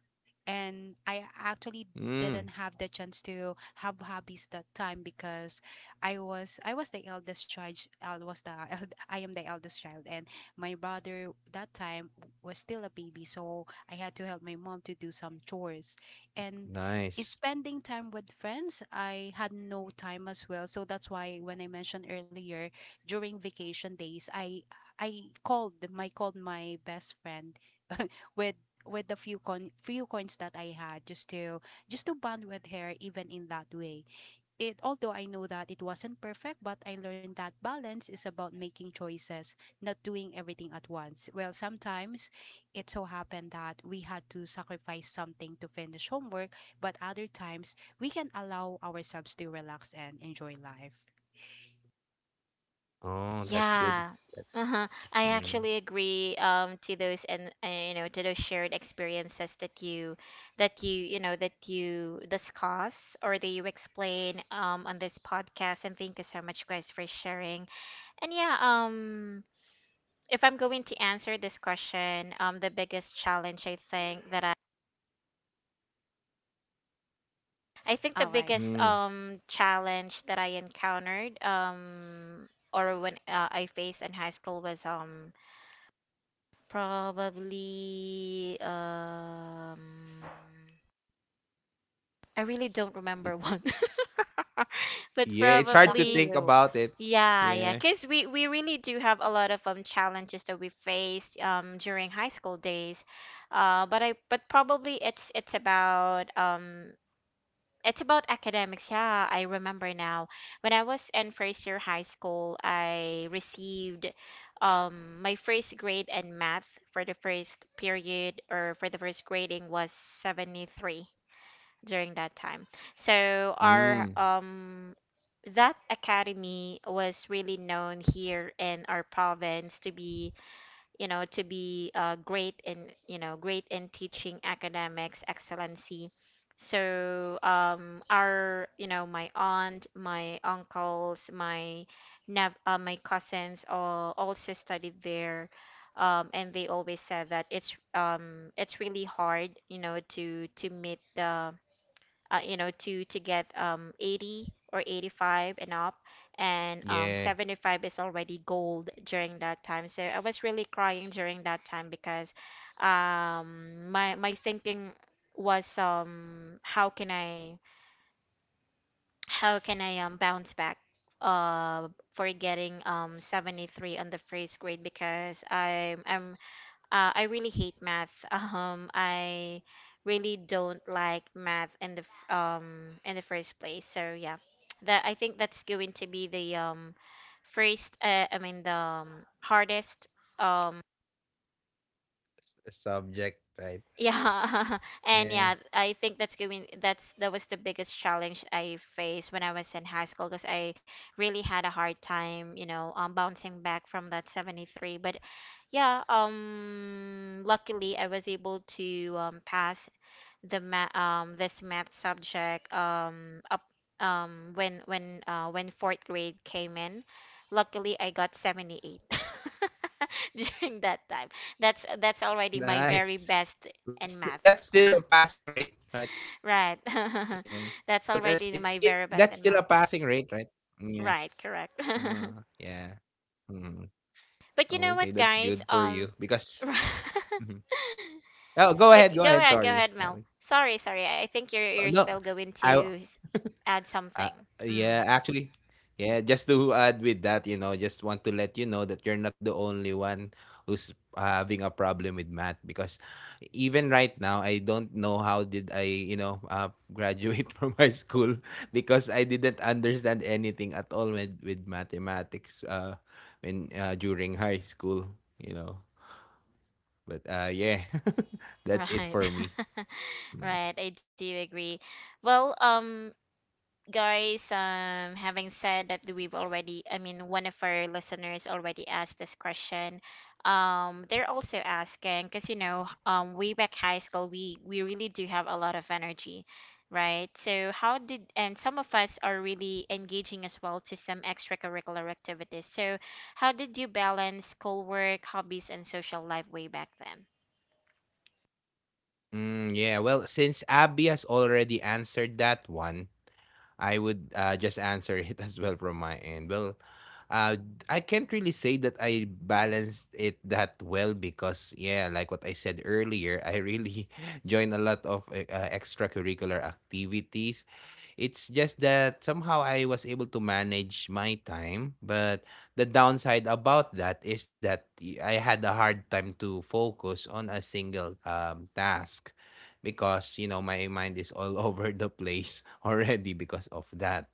[SPEAKER 3] and I actually
[SPEAKER 2] Mm,
[SPEAKER 3] didn't have the chance to have hobbies that time because I was the eldest child. I was the I am the eldest child, and my brother that time was still a baby, so I had to help my mom to do some chores, and
[SPEAKER 2] nice.
[SPEAKER 3] spending time with friends, I had no time as well. So that's why when I mentioned earlier, during vacation days, I called my best friend with the few coins that I had, just to bond with her even in that way. It Although I know that it wasn't perfect, but I learned that balance is about making choices, not doing everything at once. Well, sometimes it so happened that we had to sacrifice something to finish homework, but other times we can allow ourselves to relax and enjoy life.
[SPEAKER 2] Oh, that's good.
[SPEAKER 1] Yeah.
[SPEAKER 2] That's,
[SPEAKER 1] Uh-huh. I
[SPEAKER 2] mm,
[SPEAKER 1] actually agree to those, and, you know, to those shared experiences that you that that you discuss or that you explain on this podcast. And thank you so much, guys, for sharing. And yeah, if I'm going to answer this question, the biggest challenge, I think the
[SPEAKER 3] All right.
[SPEAKER 1] biggest
[SPEAKER 2] mm.
[SPEAKER 1] challenge that I encountered or when I faced in high school was, probably, I really don't
[SPEAKER 2] It,
[SPEAKER 1] remember one, but
[SPEAKER 2] Yeah, it's
[SPEAKER 3] Oh,
[SPEAKER 2] hard to
[SPEAKER 3] lucky
[SPEAKER 1] probably,
[SPEAKER 2] think
[SPEAKER 3] you.
[SPEAKER 2] about it.
[SPEAKER 1] yeah, yeah,
[SPEAKER 2] Yeah.
[SPEAKER 1] because we really do have a lot of challenges that we faced during high school days, but I but probably it's about it's about academics. Yeah, I remember now. When I was in first year high school, I received my first grade in math for the first period, or for the first grading, was 73 during that time. So our
[SPEAKER 2] Mm,
[SPEAKER 1] that academy was really known here in our province to be, you know, to be great in, you know, great in teaching academics excellency. So, our you know my aunt, my uncles, my cousins all also studied there, and they always said that it's really hard, you know, to meet the, to get 80 or 85 and up, and 75 is
[SPEAKER 2] yeah.
[SPEAKER 1] already gold during that time. So I was really crying during that time because my thinking was, how can I, bounce back, uh for getting 73 on the first grade, because I really hate math. I really don't like math in the first place. So yeah, that I think that's going to be the first. I mean, the hardest um
[SPEAKER 2] A subject,
[SPEAKER 1] yeah,
[SPEAKER 2] right?
[SPEAKER 1] and yeah, I think that's
[SPEAKER 2] Yeah.
[SPEAKER 1] going that's that was the biggest challenge I faced when I was in high school, because I really had a hard time, you bouncing back from that 73. But yeah, luckily I was able to pass this math subject, up when fourth grade came in. Luckily, I got 78 during that time. That's already my very
[SPEAKER 2] Nice.
[SPEAKER 1] best
[SPEAKER 2] But
[SPEAKER 1] in math.
[SPEAKER 2] that's still a passing rate, right?
[SPEAKER 1] Right.
[SPEAKER 2] Yeah.
[SPEAKER 1] That's
[SPEAKER 2] But as
[SPEAKER 1] already
[SPEAKER 2] it's
[SPEAKER 1] my
[SPEAKER 2] it
[SPEAKER 1] very best
[SPEAKER 2] that's
[SPEAKER 1] in
[SPEAKER 2] still a
[SPEAKER 1] math.
[SPEAKER 2] passing rate, right? Yeah.
[SPEAKER 1] Right. Correct.
[SPEAKER 2] Yeah. Mhm.
[SPEAKER 1] But you know
[SPEAKER 2] Okay,
[SPEAKER 1] what,
[SPEAKER 2] that's good
[SPEAKER 1] guys?
[SPEAKER 2] for you because.
[SPEAKER 1] But
[SPEAKER 2] Mhm. Oh, go
[SPEAKER 1] go
[SPEAKER 2] ahead,
[SPEAKER 1] ahead, go ahead,
[SPEAKER 2] sorry,
[SPEAKER 1] Mel.
[SPEAKER 2] Ali.
[SPEAKER 1] Sorry, sorry, I think you're
[SPEAKER 2] No,
[SPEAKER 1] you're
[SPEAKER 2] no.
[SPEAKER 1] still going
[SPEAKER 2] I
[SPEAKER 1] to add something.
[SPEAKER 2] Uh,
[SPEAKER 1] Mm.
[SPEAKER 2] yeah, actually, yeah, just to add with that, just want to let you know that you're not the only one who's having a problem with math because even right now, I don't know how did I, graduate from high school because I didn't understand anything at all with, mathematics when during high school. But yeah, that's it for
[SPEAKER 1] Right.
[SPEAKER 2] me.
[SPEAKER 1] Right, I do agree. Well, guys, having said that, we've already I mean, one of our listeners already asked this question. They're also asking, because, you know, way back high school, we really do have a lot of energy, right? So, how did and some of us are really engaging as well to some extracurricular activities. So how did you balance schoolwork, hobbies and social life way back then?
[SPEAKER 2] Mm, yeah, well, since Abby has already answered that one, I would just answer it as well from my end. Well, uh, I can't really say that I balanced it that well because, yeah, like what I said earlier, I really joined a lot of extracurricular activities. It's just that somehow I was able to manage my time, but the downside about that is that I had a hard time to focus on a single task because my mind is all over the place already because of that.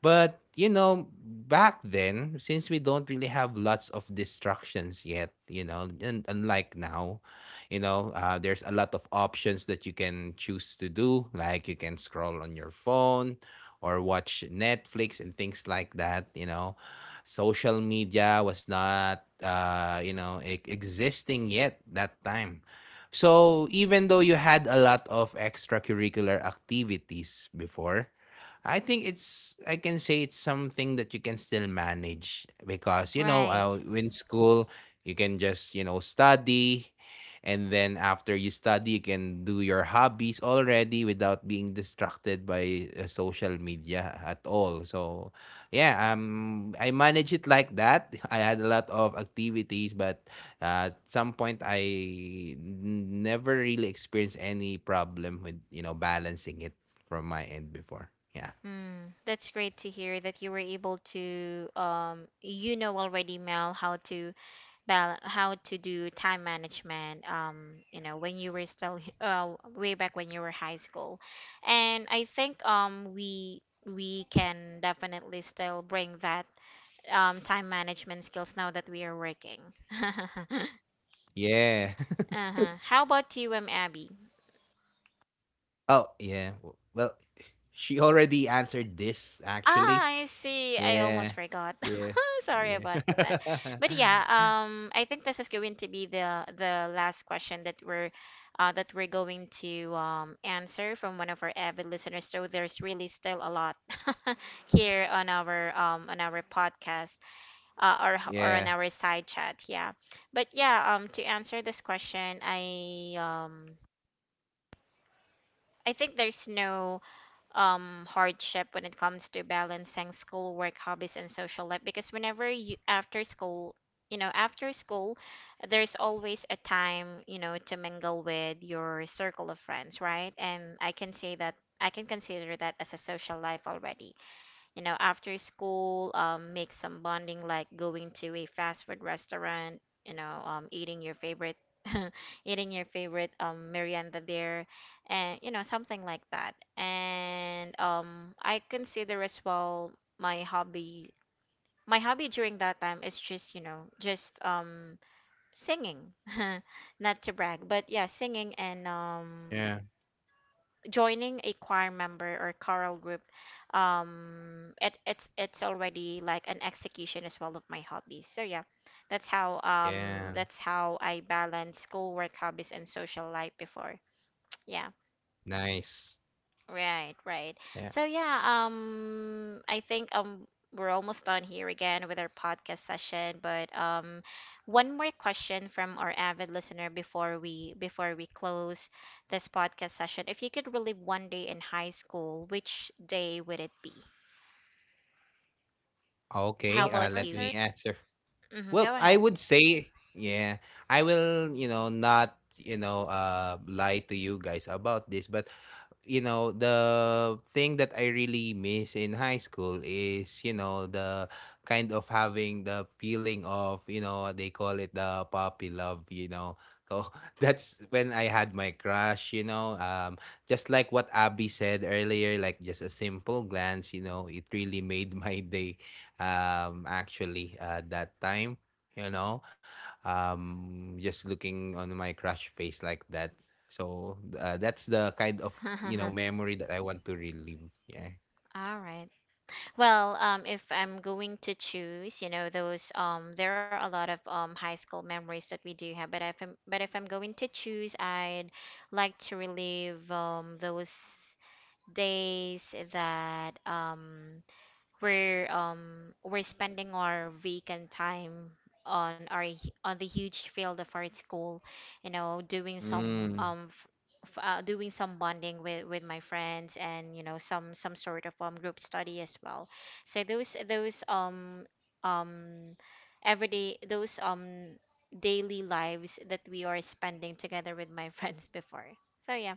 [SPEAKER 2] But back then, since we don't really have lots of distractions yet, and unlike now, there's a lot of options that you can choose to do. Like you can scroll on your phone or watch Netflix and things like that. You know, social media was not, existing yet that time. So even though you had a lot of extracurricular activities before, I think it's I can say it's something that you can still manage because
[SPEAKER 1] Right.
[SPEAKER 2] in school you can just study, and then after you study you can do your hobbies already without being distracted by social media at all, so yeah, I manage it like that. I had a lot of activities, but at some point I never really experienced any problem with balancing it from my end before, yeah.
[SPEAKER 1] Mm, that's great to hear that you were able to, already, Mel, how to, bal how to do time management, when you were still way back when you were high school. And I think we can definitely still bring that time management skills now that we are working.
[SPEAKER 2] Yeah.
[SPEAKER 1] Uh-huh. How about you, Abby?
[SPEAKER 2] Oh, yeah. W well, she already answered this,
[SPEAKER 1] Ah,
[SPEAKER 2] actually.
[SPEAKER 1] I see. I
[SPEAKER 2] Yeah.
[SPEAKER 1] almost forgot.
[SPEAKER 2] Yeah. Oh,
[SPEAKER 1] Sorry
[SPEAKER 2] yeah.
[SPEAKER 1] about that. But yeah, I think this is going to be the last question that we're going to answer from one of our avid listeners. So there's really still a lot here on our, on our podcast, or on
[SPEAKER 2] Yeah.
[SPEAKER 1] our side chat. Yeah. But yeah, to answer this question, I think there's no hardship when it comes to balancing school work hobbies and social life, because whenever you, after school, there's always a time, to mingle with your circle of friends, right? And I can say that I can consider that as a social life already. After school, make some bonding, like going to a fast food restaurant, eating your eating your favorite merienda there, and something like that. And I consider as well my hobby. My hobby during that time is just singing, not to brag, but yeah, singing and
[SPEAKER 2] Yeah.
[SPEAKER 1] joining a choir member or choral group. It's already like an execution as well of my hobbies. So yeah, that's how um
[SPEAKER 2] Yeah.
[SPEAKER 1] that's how I balance schoolwork, hobbies and social life before. Yeah.
[SPEAKER 2] Nice.
[SPEAKER 1] Right, right.
[SPEAKER 2] Yeah.
[SPEAKER 1] So yeah, I think we're almost done here again with our podcast session, but one more question from our avid listener before we close this podcast session. If you could relive one day in high school, which day would it be?
[SPEAKER 3] You can
[SPEAKER 1] How
[SPEAKER 3] go
[SPEAKER 2] Okay,
[SPEAKER 3] first,
[SPEAKER 1] about
[SPEAKER 2] let
[SPEAKER 3] sir.
[SPEAKER 1] you?
[SPEAKER 2] me answer.
[SPEAKER 1] Go
[SPEAKER 2] Well,
[SPEAKER 1] ahead.
[SPEAKER 2] I would say, yeah, I will, not, lie to you guys about this, but the thing that I really miss in high school is, the kind of having the feeling of, they call it the puppy love. So that's when I had my crush. Just like what Abby said earlier, like just a simple glance, it really made my day, actually, that time, you know. Just looking on my crush face like that. So, that's the kind of,
[SPEAKER 1] All
[SPEAKER 2] memory that I want to relive, yeah.
[SPEAKER 1] right. Well, if I'm going to choose, you know, those there are a lot of high school memories that we do have, but if I'm going to choose, I'd like to relive those days that, we're spending our weekend time on on the huge field of our school, doing some,
[SPEAKER 2] Mm,
[SPEAKER 1] bonding with my friends, and some sort of group study as well. So, um those daily lives that we are spending together with my friends before. So yeah.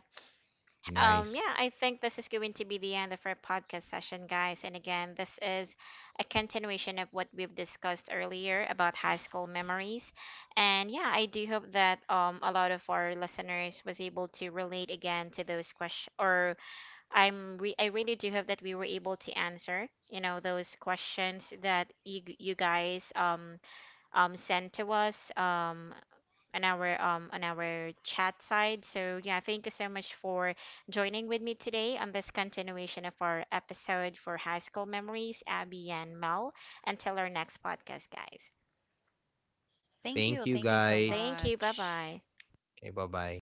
[SPEAKER 2] nice.
[SPEAKER 1] Yeah, I think this is going to be the end of our podcast session, guys. And again, this is a continuation of what we've discussed earlier about high school memories. And yeah, I do hope that a lot of our listeners was able to relate again to those questions, or I really do hope that we were able to answer, those questions that you guys sent to us. On our chat side. So yeah, thank you so much for joining with me today on this continuation of our episode for high school memories, Abby and Mel. Until our next podcast, guys.
[SPEAKER 3] Thank
[SPEAKER 2] Thank
[SPEAKER 3] you.
[SPEAKER 2] you,
[SPEAKER 3] Thank you so
[SPEAKER 2] guys.
[SPEAKER 1] Thank you. Bye
[SPEAKER 3] much.
[SPEAKER 1] bye.
[SPEAKER 2] Okay, bye-bye.